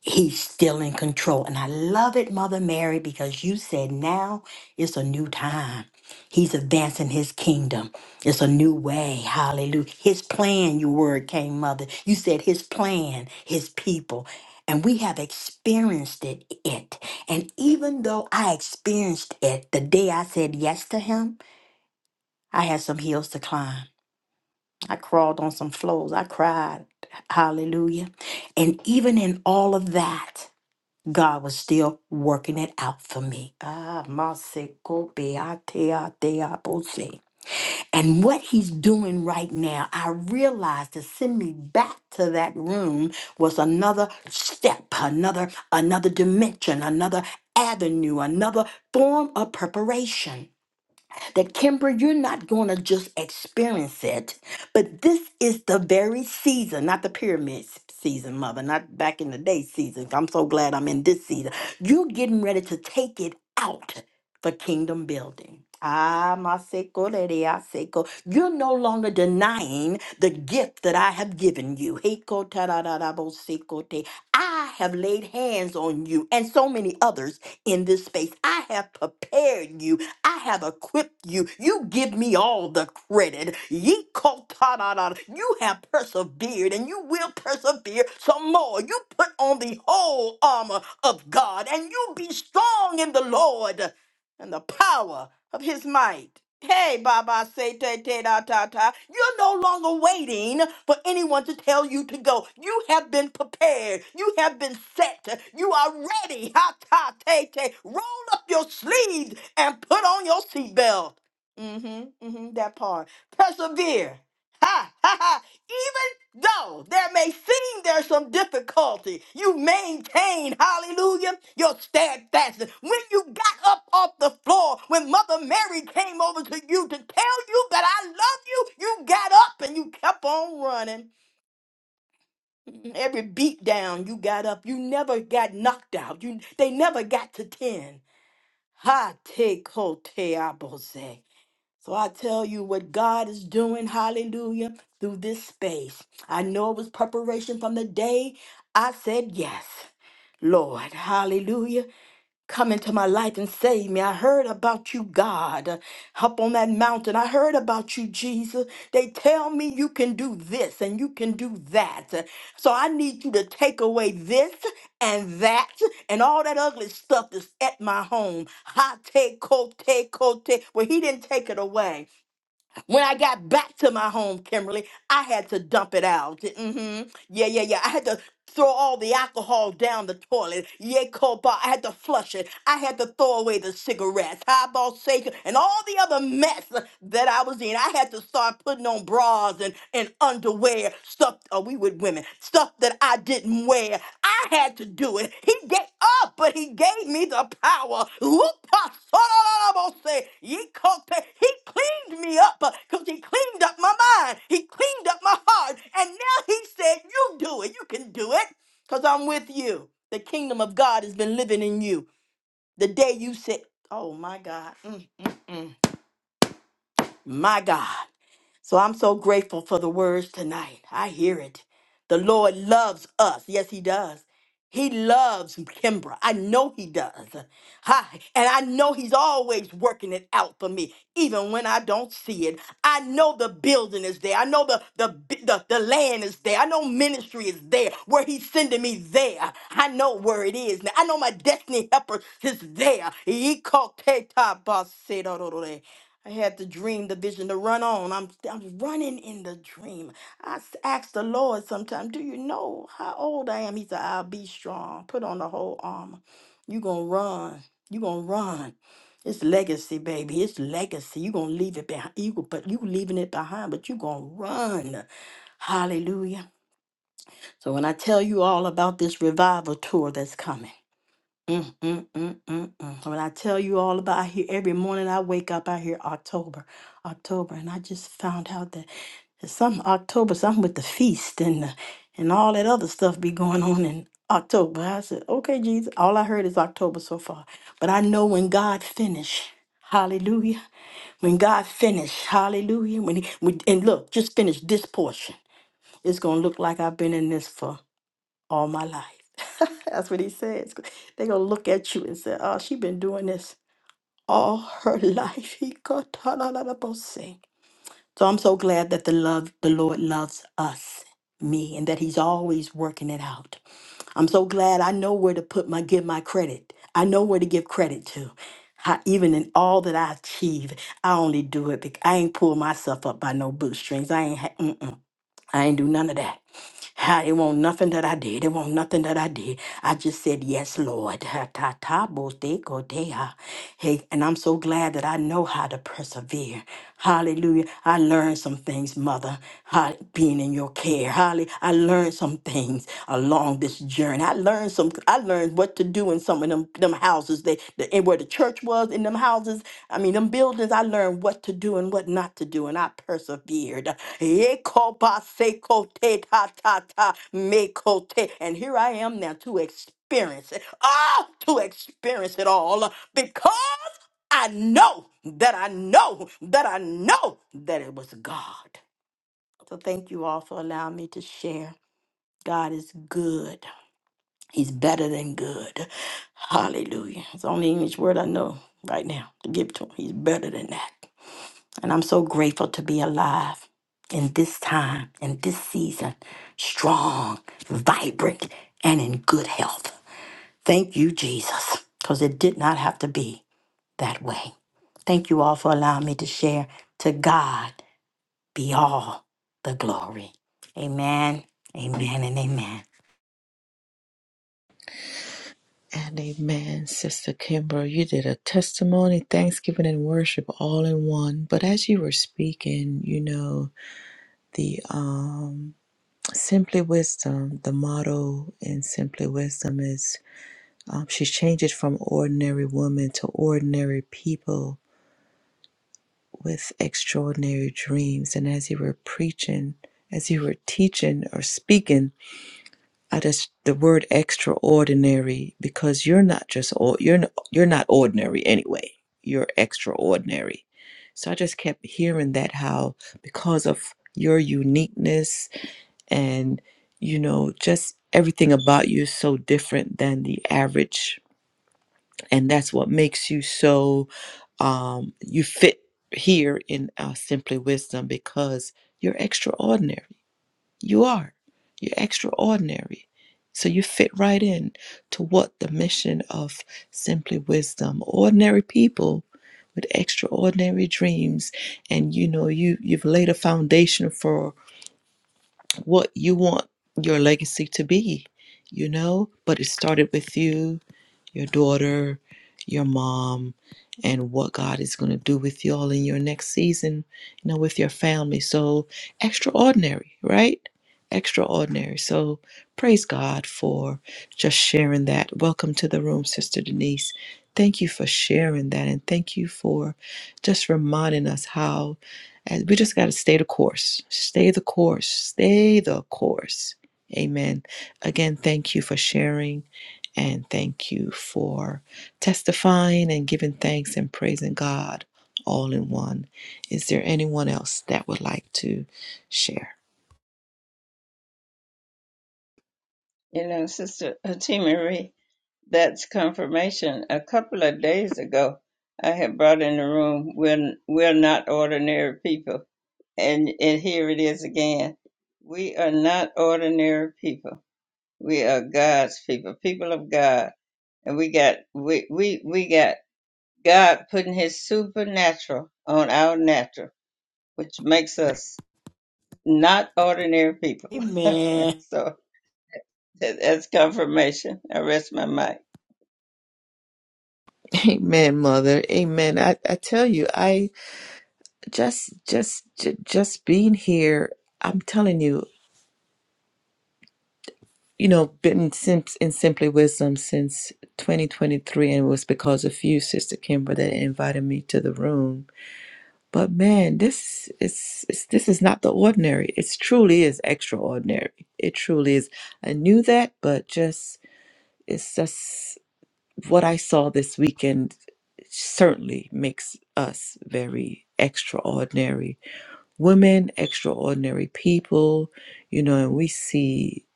[SPEAKER 3] He's still in control. And I love it, Mother Mary, because you said now is a new time. He's advancing his kingdom. It's a new way. Hallelujah. His plan, your word came, Mother. You said his plan, his people. And we have experienced it, it. And even though I experienced it the day I said yes to him, I had some hills to climb. I crawled on some floors. I cried. Hallelujah. And even in all of that, God was still working it out for me. Ah, masiko beatea deabose. And what he's doing right now, I realized to send me back to that room was another step, another another dimension, another avenue, another form of preparation. That Kimber, you're not going to just experience it, but this is the very season, not the pyramid s- season, mother, not back in the day season. I'm so glad I'm in this season. You're getting ready to take it out for kingdom building. Ah, my seko, lady, I seko. You're no longer denying the gift that I have given you. Heko, ta, da, da, da, bo, seko, te. I have laid hands on you and so many others in this space. I have prepared you. I have equipped you. You give me all the credit. Ye kotadadada. You have persevered and you will persevere some more. You put on the whole armor of God and you be strong in the Lord and the power of his might. Hey, Baba, say, te, te, da, ta, ta. You're no longer waiting for anyone to tell you to go. You have been prepared. You have been set. You are ready. Ha, ta, te, te. Roll up your sleeves and put on your seatbelt. Mm-hmm, mm-hmm, that part. Persevere. Ha ha ha! Even though there may seem there's some difficulty, you maintain, hallelujah, your steadfastness. When you got up off the floor, when Mother Mary came over to you to tell you that I love you, you got up and you kept on running. Every beat down you got up, you never got knocked out. You they never got to ten. Ha te ko te abose. So I tell you what God is doing, hallelujah, through this space. I know it was preparation from the day I said yes. Lord, hallelujah. Come into my life and save me. I heard about you, God, up on that mountain. I heard about you, Jesus. They tell me you can do this and you can do that. So I need you to take away this and that and all that ugly stuff that's at my home. Ha te kote kote. Well, he didn't take it away. When I got back to my home, Kimberly, I had to dump it out. hmm Yeah, yeah, yeah. I had to throw all the alcohol down the toilet. Yeah, copa. I had to flush it. I had to throw away the cigarettes, highball shaker, and all the other mess that I was in. I had to start putting on bras and, and underwear wear stuff. Oh, we with women stuff that I didn't wear. I had to do it. He gave up, but he gave me the power. Whoop-a, so-da-da-da-bo-se, yee-ko-te. He cleaned me up because he cleaned up my mind. He cleaned up my heart, and now he said, "You do it. You can do it." Because I'm with you. The kingdom of God has been living in you. The day you said, Oh my God. Mm, mm, mm. My God. So I'm so grateful for the words tonight. I hear it. The Lord loves us. Yes, He does. He loves Kimbra. I know He does. Hi. And I know He's always working it out for me, even when I don't see it. I know the building is there. I know the, the, bi- the, the land is there. I know ministry is there where He's sending me there. I know where it is now. I know my destiny helper is there. He called I had the dream, the vision to run on. I'm, I'm running in the dream. I s- asked the Lord sometime, Do you know how old I am? He said, I'll be strong. Put on the whole armor. you going to run. you going to run. It's legacy, baby. It's legacy. you going to leave it behind. You, go- but you leaving it behind, but you going to run. Hallelujah. So when I tell you all about this revival tour that's coming, Mm, mm, mm, mm, mm. When I tell you all about, I hear every morning I wake up, I hear October, October, and I just found out that there's some October, something with the feast and the, and all that other stuff be going on in October. I said, okay, Jesus, all I heard is October so far, but I know when God finish, Hallelujah. When God finish, Hallelujah. When he when, and look, just finish this portion. It's gonna look like I've been in this for all my life. That's what he says. They're gonna look at you and say, "Oh, she been doing this all her life." He got ta-la-la-la-bo-sing. So I'm so glad that the love the Lord loves us, me, and that He's always working it out. I'm so glad I know where to put my give my credit. I know where to give credit to. I, even in all that I achieve, I only do it because I ain't pull myself up by no bootstrings. I ain't. I ain't do none of that. Ha, It won't nothing that I did. It won't nothing that I did. I just said yes, Lord. Ha, ta, ta, bo, de, go, de, ha. Hey, and I'm so glad that I know how to persevere. Hallelujah. I learned some things, Mother, ha, being in your care. Holly, I learned some things along this journey. I learned some. I learned and what to do in some of them them houses they the, and where the church was in them houses i mean them buildings i learned what to do and what not to do and i persevered Ekobasekotetatatamekote. and here i am now to experience it oh to experience it all because i know that i know that i know that it was god so thank you all for allowing me to share god is good He's better than good. Hallelujah. It's the only English word I know right now to give to him. He's better than that. And I'm so grateful to be alive in this time, in this season, strong, vibrant, and in good health. Thank you, Jesus, because it did not have to be that way. Thank you all for allowing me to share. To God be all the glory. Amen, amen, and amen.
[SPEAKER 1] And amen, Sister Kimber. You did a testimony, thanksgiving, and worship all in one. But as you were speaking, you know the um Simply Wisdom, the motto in Simply Wisdom is um, she's changed it from ordinary woman to ordinary people with extraordinary dreams. And as you were preaching, as you were teaching or speaking, I just the word extraordinary because you're not just or- you're not, you're not ordinary anyway. You're extraordinary. So I just kept hearing that how because of your uniqueness and you know just everything about you is so different than the average and that's what makes you so um you fit here in our simply wisdom because you're extraordinary you are you're extraordinary so you fit right in to what the mission of simply wisdom ordinary people with extraordinary dreams and you know you you've laid a foundation for what you want your legacy to be, you know? But it started with you your daughter, your mom, and what God is going to do with y'all in your next season, you know, with your family. So extraordinary, right? Extraordinary. So praise God for just sharing that. Welcome to the room, Sister Denise. Thank you for sharing that. And thank you for just reminding us how uh, we just got to stay the course, stay the course, stay the course. Amen. Again, thank you for sharing. And thank you for testifying and giving thanks and praising God all in one. Is there anyone else that would like to share?
[SPEAKER 2] You know, Sister T. Marie. That's confirmation. A couple of days ago, I had brought in the room, we're, we're not ordinary people. And, and here it is again. We are not ordinary people. We are God's people, people of God. And we got, we, we, we got God putting his supernatural on our natural, which makes us not ordinary people.
[SPEAKER 3] Amen.
[SPEAKER 2] so that- that's confirmation. I rest my mind.
[SPEAKER 1] Amen, mother. Amen. I, I tell you, I just, just, j- just being here, I'm telling you, you know, been since in Simply Wisdom since 2023, and it was because of you, Sister Kimber, that invited me to the room But man, this is it's, this is not the ordinary. It truly is extraordinary. It truly is. I knew that, but just it's just what I saw this weekend certainly makes us very extraordinary women, extraordinary people, you know, and we see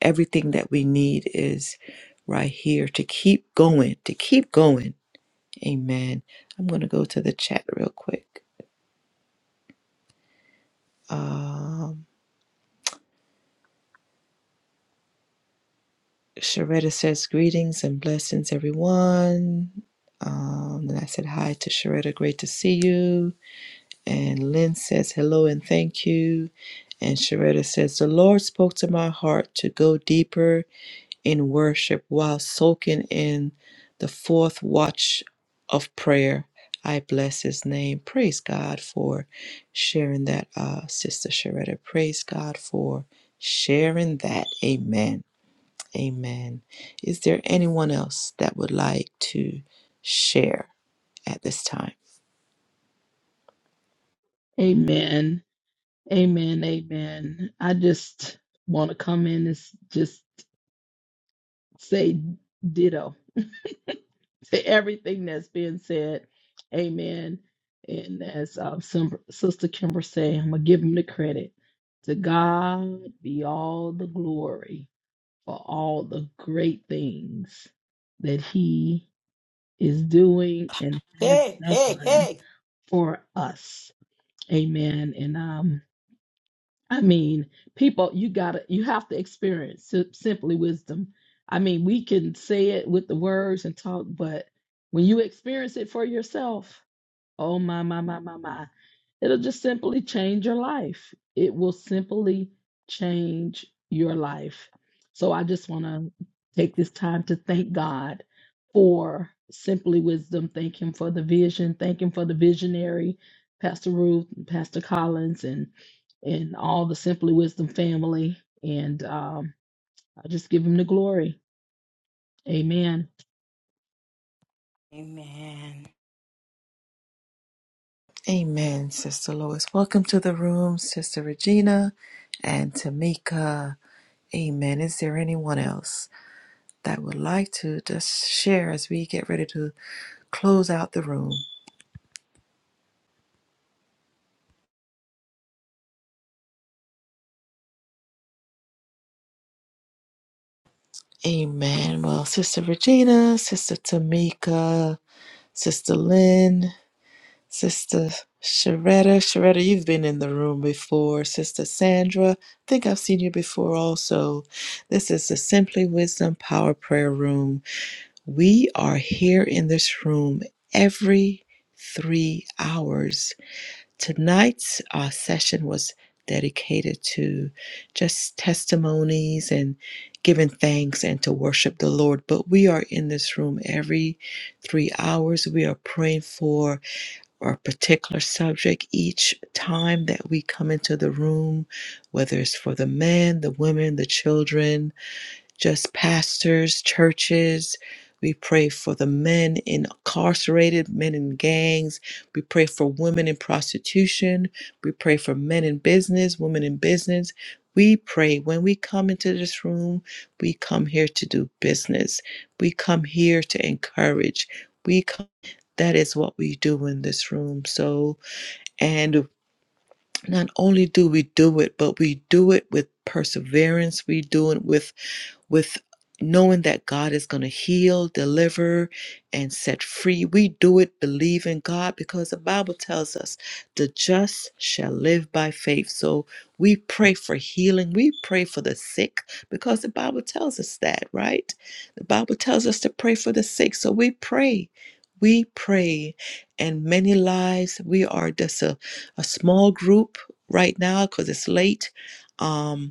[SPEAKER 1] everything that we need is right here to keep going, to keep going. Amen. I'm going to go to the chat real quick. Um, Sharetta says greetings and blessings, everyone. Um, and I said hi to Sharetta, great to see you. And Lynn says hello and thank you. And Sharetta says, The Lord spoke to my heart to go deeper in worship while soaking in the fourth watch of prayer. I bless his name. Praise God for sharing that, uh, Sister Sharetta. Praise God for sharing that. Amen. Amen. Is there anyone else that would like to share at this time?
[SPEAKER 4] Amen. Amen. Amen. I just want to come in and s- just say ditto to everything that's being said. Amen. And as um, some, Sister Kimber say, I'm going to give him the credit. To God be all the glory for all the great things that he is doing and has
[SPEAKER 3] Hey, hey,
[SPEAKER 4] done
[SPEAKER 3] hey.
[SPEAKER 4] for us. Amen. And um, I mean, people, you gotta, you have to experience si- simply wisdom. I mean, we can say it with the words and talk, but when you experience it for yourself, Oh my, my, my, my, my. It'll just simply change your life. It will simply change your life. So I just want to take this time to thank God for Simply Wisdom. Thank Him for the vision. Thank Him for the visionary, Pastor Ruth, and Pastor Collins, and and all the Simply Wisdom family. And um, I just give Him the glory. Amen.
[SPEAKER 3] Amen.
[SPEAKER 1] Amen, Sister Lois. Welcome to the room, Sister Regina and Tamika. Amen. Is there anyone else that would like to just share as we get ready to close out the room? Amen. Well, Sister Regina, Sister Tamika, Sister Lynn, Sister Sharetta. Sharetta, you've been in the room before. Sister Sandra, I think I've seen you before also. This is the Simply Wisdom Power Prayer Room. We are here in this room every three hours. Tonight's uh, session was dedicated to just testimonies and giving thanks and to worship the Lord. But we are in this room every three hours. We are praying for or a particular subject each time that we come into the room, whether it's for the men, the women, the children, just pastors, churches. We pray for the men incarcerated, men in gangs. We pray for women in prostitution. We pray for men in business, women in business. We pray when we come into this room, we come here to do business. We come here to encourage. We come, that is what we do in this room. So, and not only do we do it, but we do it with perseverance. We do it with with knowing that God is going to heal, deliver, and set free. We do it believing God because the Bible tells us the just shall live by faith. So we pray for healing. We pray for the sick because the Bible tells us that, right? The Bible tells us to pray for the sick. So we pray. We pray, and many lives. We are just a, a small group right now because it's late. Um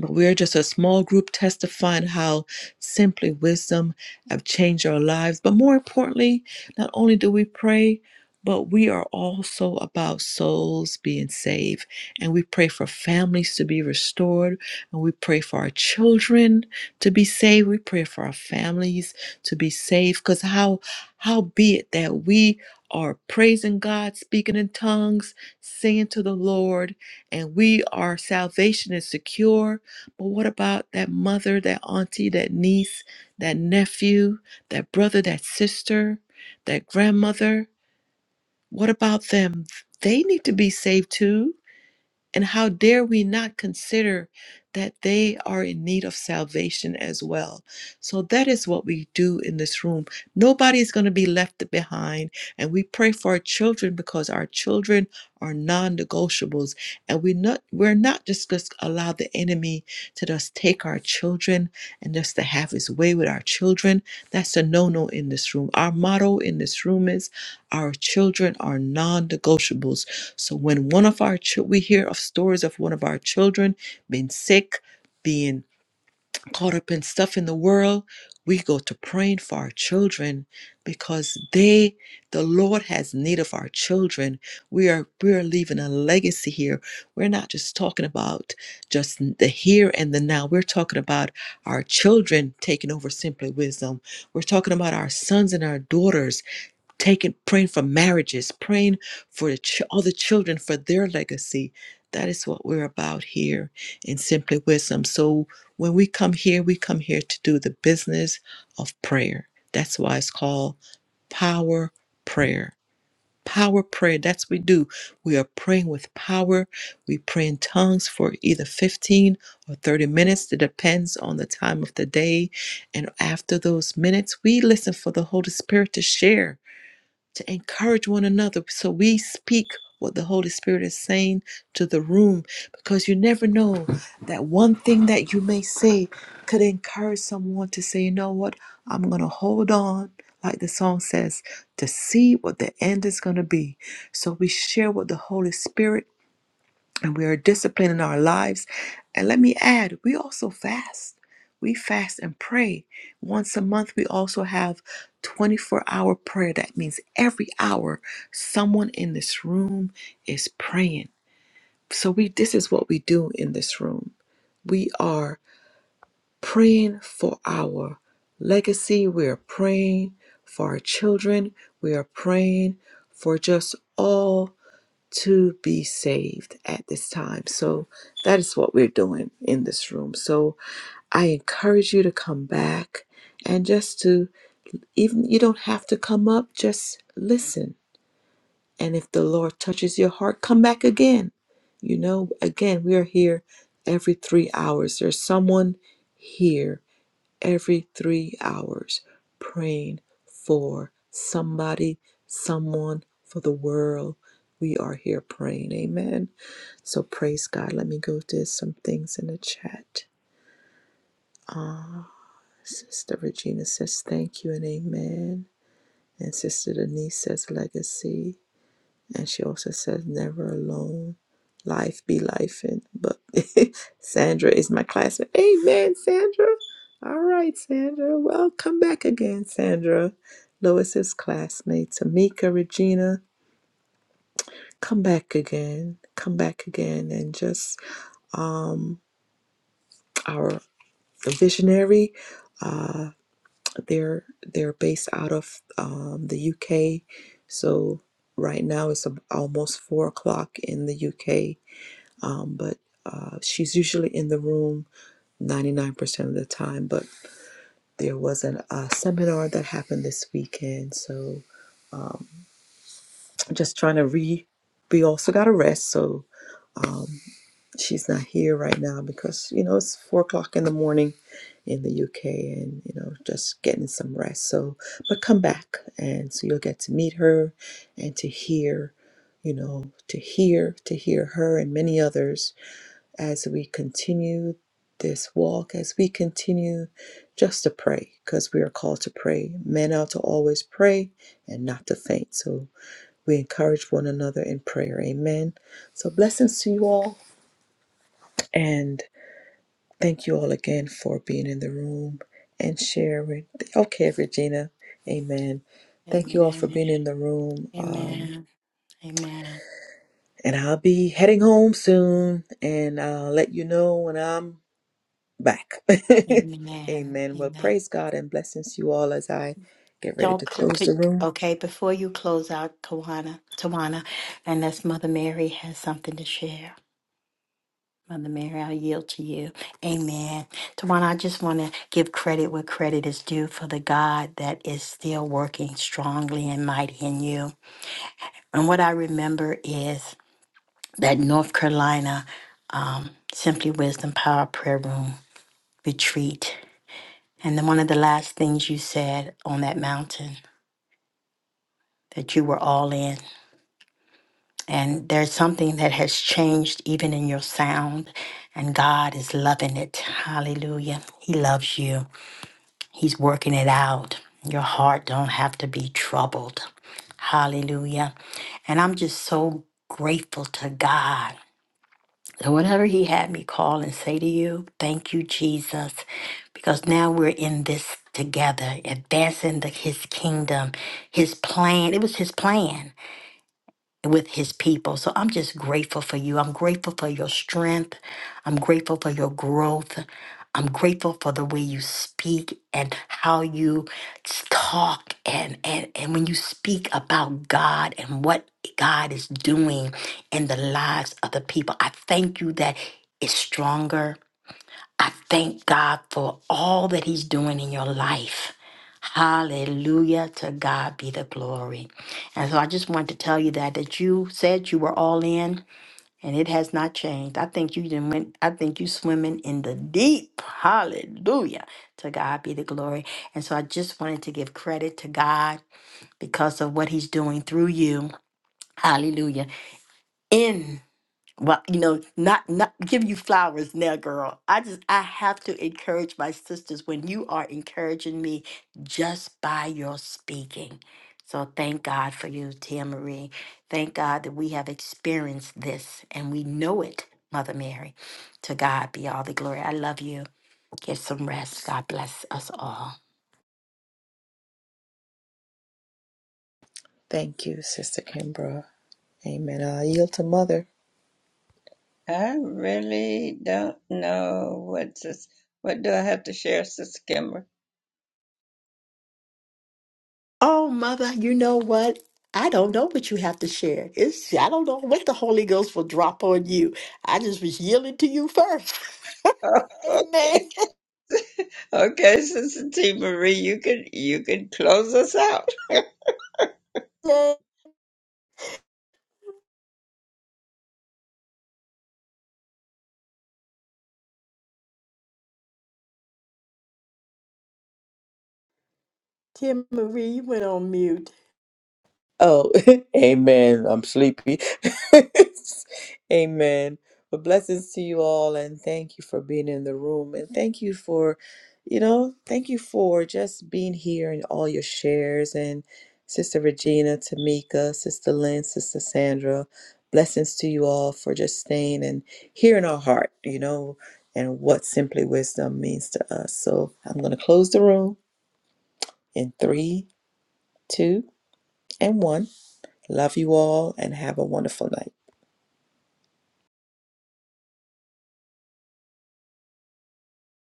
[SPEAKER 1] but we're just a small group testifying how simply wisdom have changed our lives but more importantly not only do we pray but we are also about souls being saved and we pray for families to be restored and we pray for our children to be saved we pray for our families to be saved because how how be it that we are praising god speaking in tongues singing to the lord and we our salvation is secure but what about that mother, that auntie, that niece, that nephew, that brother, that sister, that grandmother? What about them? They need to be saved too. And how dare we not consider that they are in need of salvation as well? So that is what we do in this room. Nobody is going to be left behind. And we pray for our children because our children are non negotiables. And we not, we're not just going to allow the enemy to just take our children and just to have his way with our children. That's a no no in this room. Our motto in this room is our children are non negotiables. So when one of our chil- we hear of stories of one of our children being sick, being caught up in stuff in the world, we go to praying for our children because they, the Lord has need of our children. We are we are leaving a legacy here. We're not just talking about just the here and the now. We're talking about our children taking over simply wisdom. We're talking about our sons and our daughters taking praying for marriages praying for the ch- all the children for their legacy that is what we're about here in simply wisdom so when we come here we come here to do the business of prayer that's why it's called power prayer power prayer that's what we do we are praying with power we pray in tongues for either 15 or 30 minutes it depends on the time of the day and after those minutes we listen for the holy spirit to share to encourage one another. So we speak what the Holy Spirit is saying to the room because you never know that one thing that you may say could encourage someone to say, you know what, I'm going to hold on, like the song says, to see what the end is going to be. So we share what the Holy Spirit and we are disciplined in our lives. And let me add, we also fast. We fast and pray. Once a month, we also have 24 hour prayer. That means every hour, someone in this room is praying. So, we, this is what we do in this room. We are praying for our legacy. We are praying for our children. We are praying for just all to be saved at this time. So that is what we're doing in this room. So I encourage you to come back and just to even you don't have to come up, just listen. And if the Lord touches your heart, come back again. You know, again, we are here every three hours. There's someone here every three hours praying for somebody, someone, for the world. We are here praying. Amen. So praise God. Let me go to some things in the chat. Uh, Sister Regina says thank you and amen. And Sister Denise says legacy. And she also says never alone. Life be life. And but Sandra is my classmate. Amen, Sandra. All right, Sandra. Well, come back again, Sandra. Lois's classmate, Tamika, Regina. Come back again. Come back again and just um our. visionary. Uh, they're they're based out of um, the UK, so right now it's ab- almost four o'clock in the UK. Um, but uh, she's usually in the room ninety nine percent of the time. But there was an, a seminar that happened this weekend, so um, just trying to re. We also got a rest, so um, she's not here right now because you know it's four o'clock in the morning in the UK and you know just getting some rest so but come back and so you'll get to meet her and to hear you know to hear to hear her and many others as we continue this walk as we continue just to pray because we are called to pray men are to always pray and not to faint so we encourage one another in prayer amen so blessings to you all and Thank you all again for being in the room and sharing. Okay, Regina. Amen. Thank you all for
[SPEAKER 3] Amen.
[SPEAKER 1] being in the room. Um,
[SPEAKER 3] Amen. Amen.
[SPEAKER 1] and I'll be heading home soon and I'll let you know when I'm back.
[SPEAKER 3] Amen.
[SPEAKER 1] Amen. Well,
[SPEAKER 3] Amen.
[SPEAKER 1] praise God and blessings to you all as I get ready to
[SPEAKER 3] Don't cl-
[SPEAKER 1] close the
[SPEAKER 3] click.
[SPEAKER 1] room.
[SPEAKER 3] Okay, before you close out, Tawana, Tawana, unless Mother Mary has something to share. Mother Mary, I yield to you. Amen. Tawana, I just want to give credit where credit is due for the God that is still working strongly and mighty in you. And what I remember is that North Carolina um, Simply Wisdom Power Prayer Room retreat And then one of the last things you said on that mountain that you were all in. And there's something that has changed even in your sound, and God is loving it. Hallelujah. He loves you, He's working it out. Your heart don't have to be troubled. Hallelujah. And I'm just so grateful to God So, whenever he had me call and say to you, thank you, Jesus, because now we're in this together, advancing the, his kingdom, his plan. It was his plan with his people. So I'm just grateful for you. I'm grateful for your strength. I'm grateful for your growth. I'm grateful for the way you speak and how you s- talk and, and, and when you speak about God and what God is doing in the lives of the people. I thank you that it's stronger. I thank God for all that He's doing in your life. Hallelujah. To God be the glory. And so I just wanted to tell you that that you said you were all in and it has not changed. I think you didn't went I think you swimming in the deep. Hallelujah. To God be the glory. And so I just wanted to give credit to God because of what he's doing through you. Hallelujah. in. Well, you know, not not give you flowers now, girl. I just I have to encourage my sisters when you are encouraging me just by your speaking. So thank God for you, Tia Marie. Thank God that we have experienced this and we know it, Mother Mary. To God be all the glory. I love you. Get some rest. God bless us all.
[SPEAKER 1] Thank you, Sister Kimbra. Amen. I'll yield to Mother.
[SPEAKER 2] I really don't know what this, what do I have to share, Sister Kimber?
[SPEAKER 3] Oh, mother, you know what? I don't know what you have to share. It's I don't know what the Holy Ghost will drop on you. I just was yielding to you first. Amen.
[SPEAKER 2] okay, Sister T Marie, you can you can close us out.
[SPEAKER 3] Tim Marie, you went on mute.
[SPEAKER 1] Oh, amen. I'm sleepy. amen. But blessings to you all, and thank you for being in the room, and thank you for, you know, thank you for just being here and all your shares, and Sister Regina, Tamika, Sister Lynn, Sister Sandra. Blessings to you all for just staying and hearing our heart, you know, and what simply wisdom means to us. So I'm going to close the room in three, two, and one. Love you all and have a wonderful night.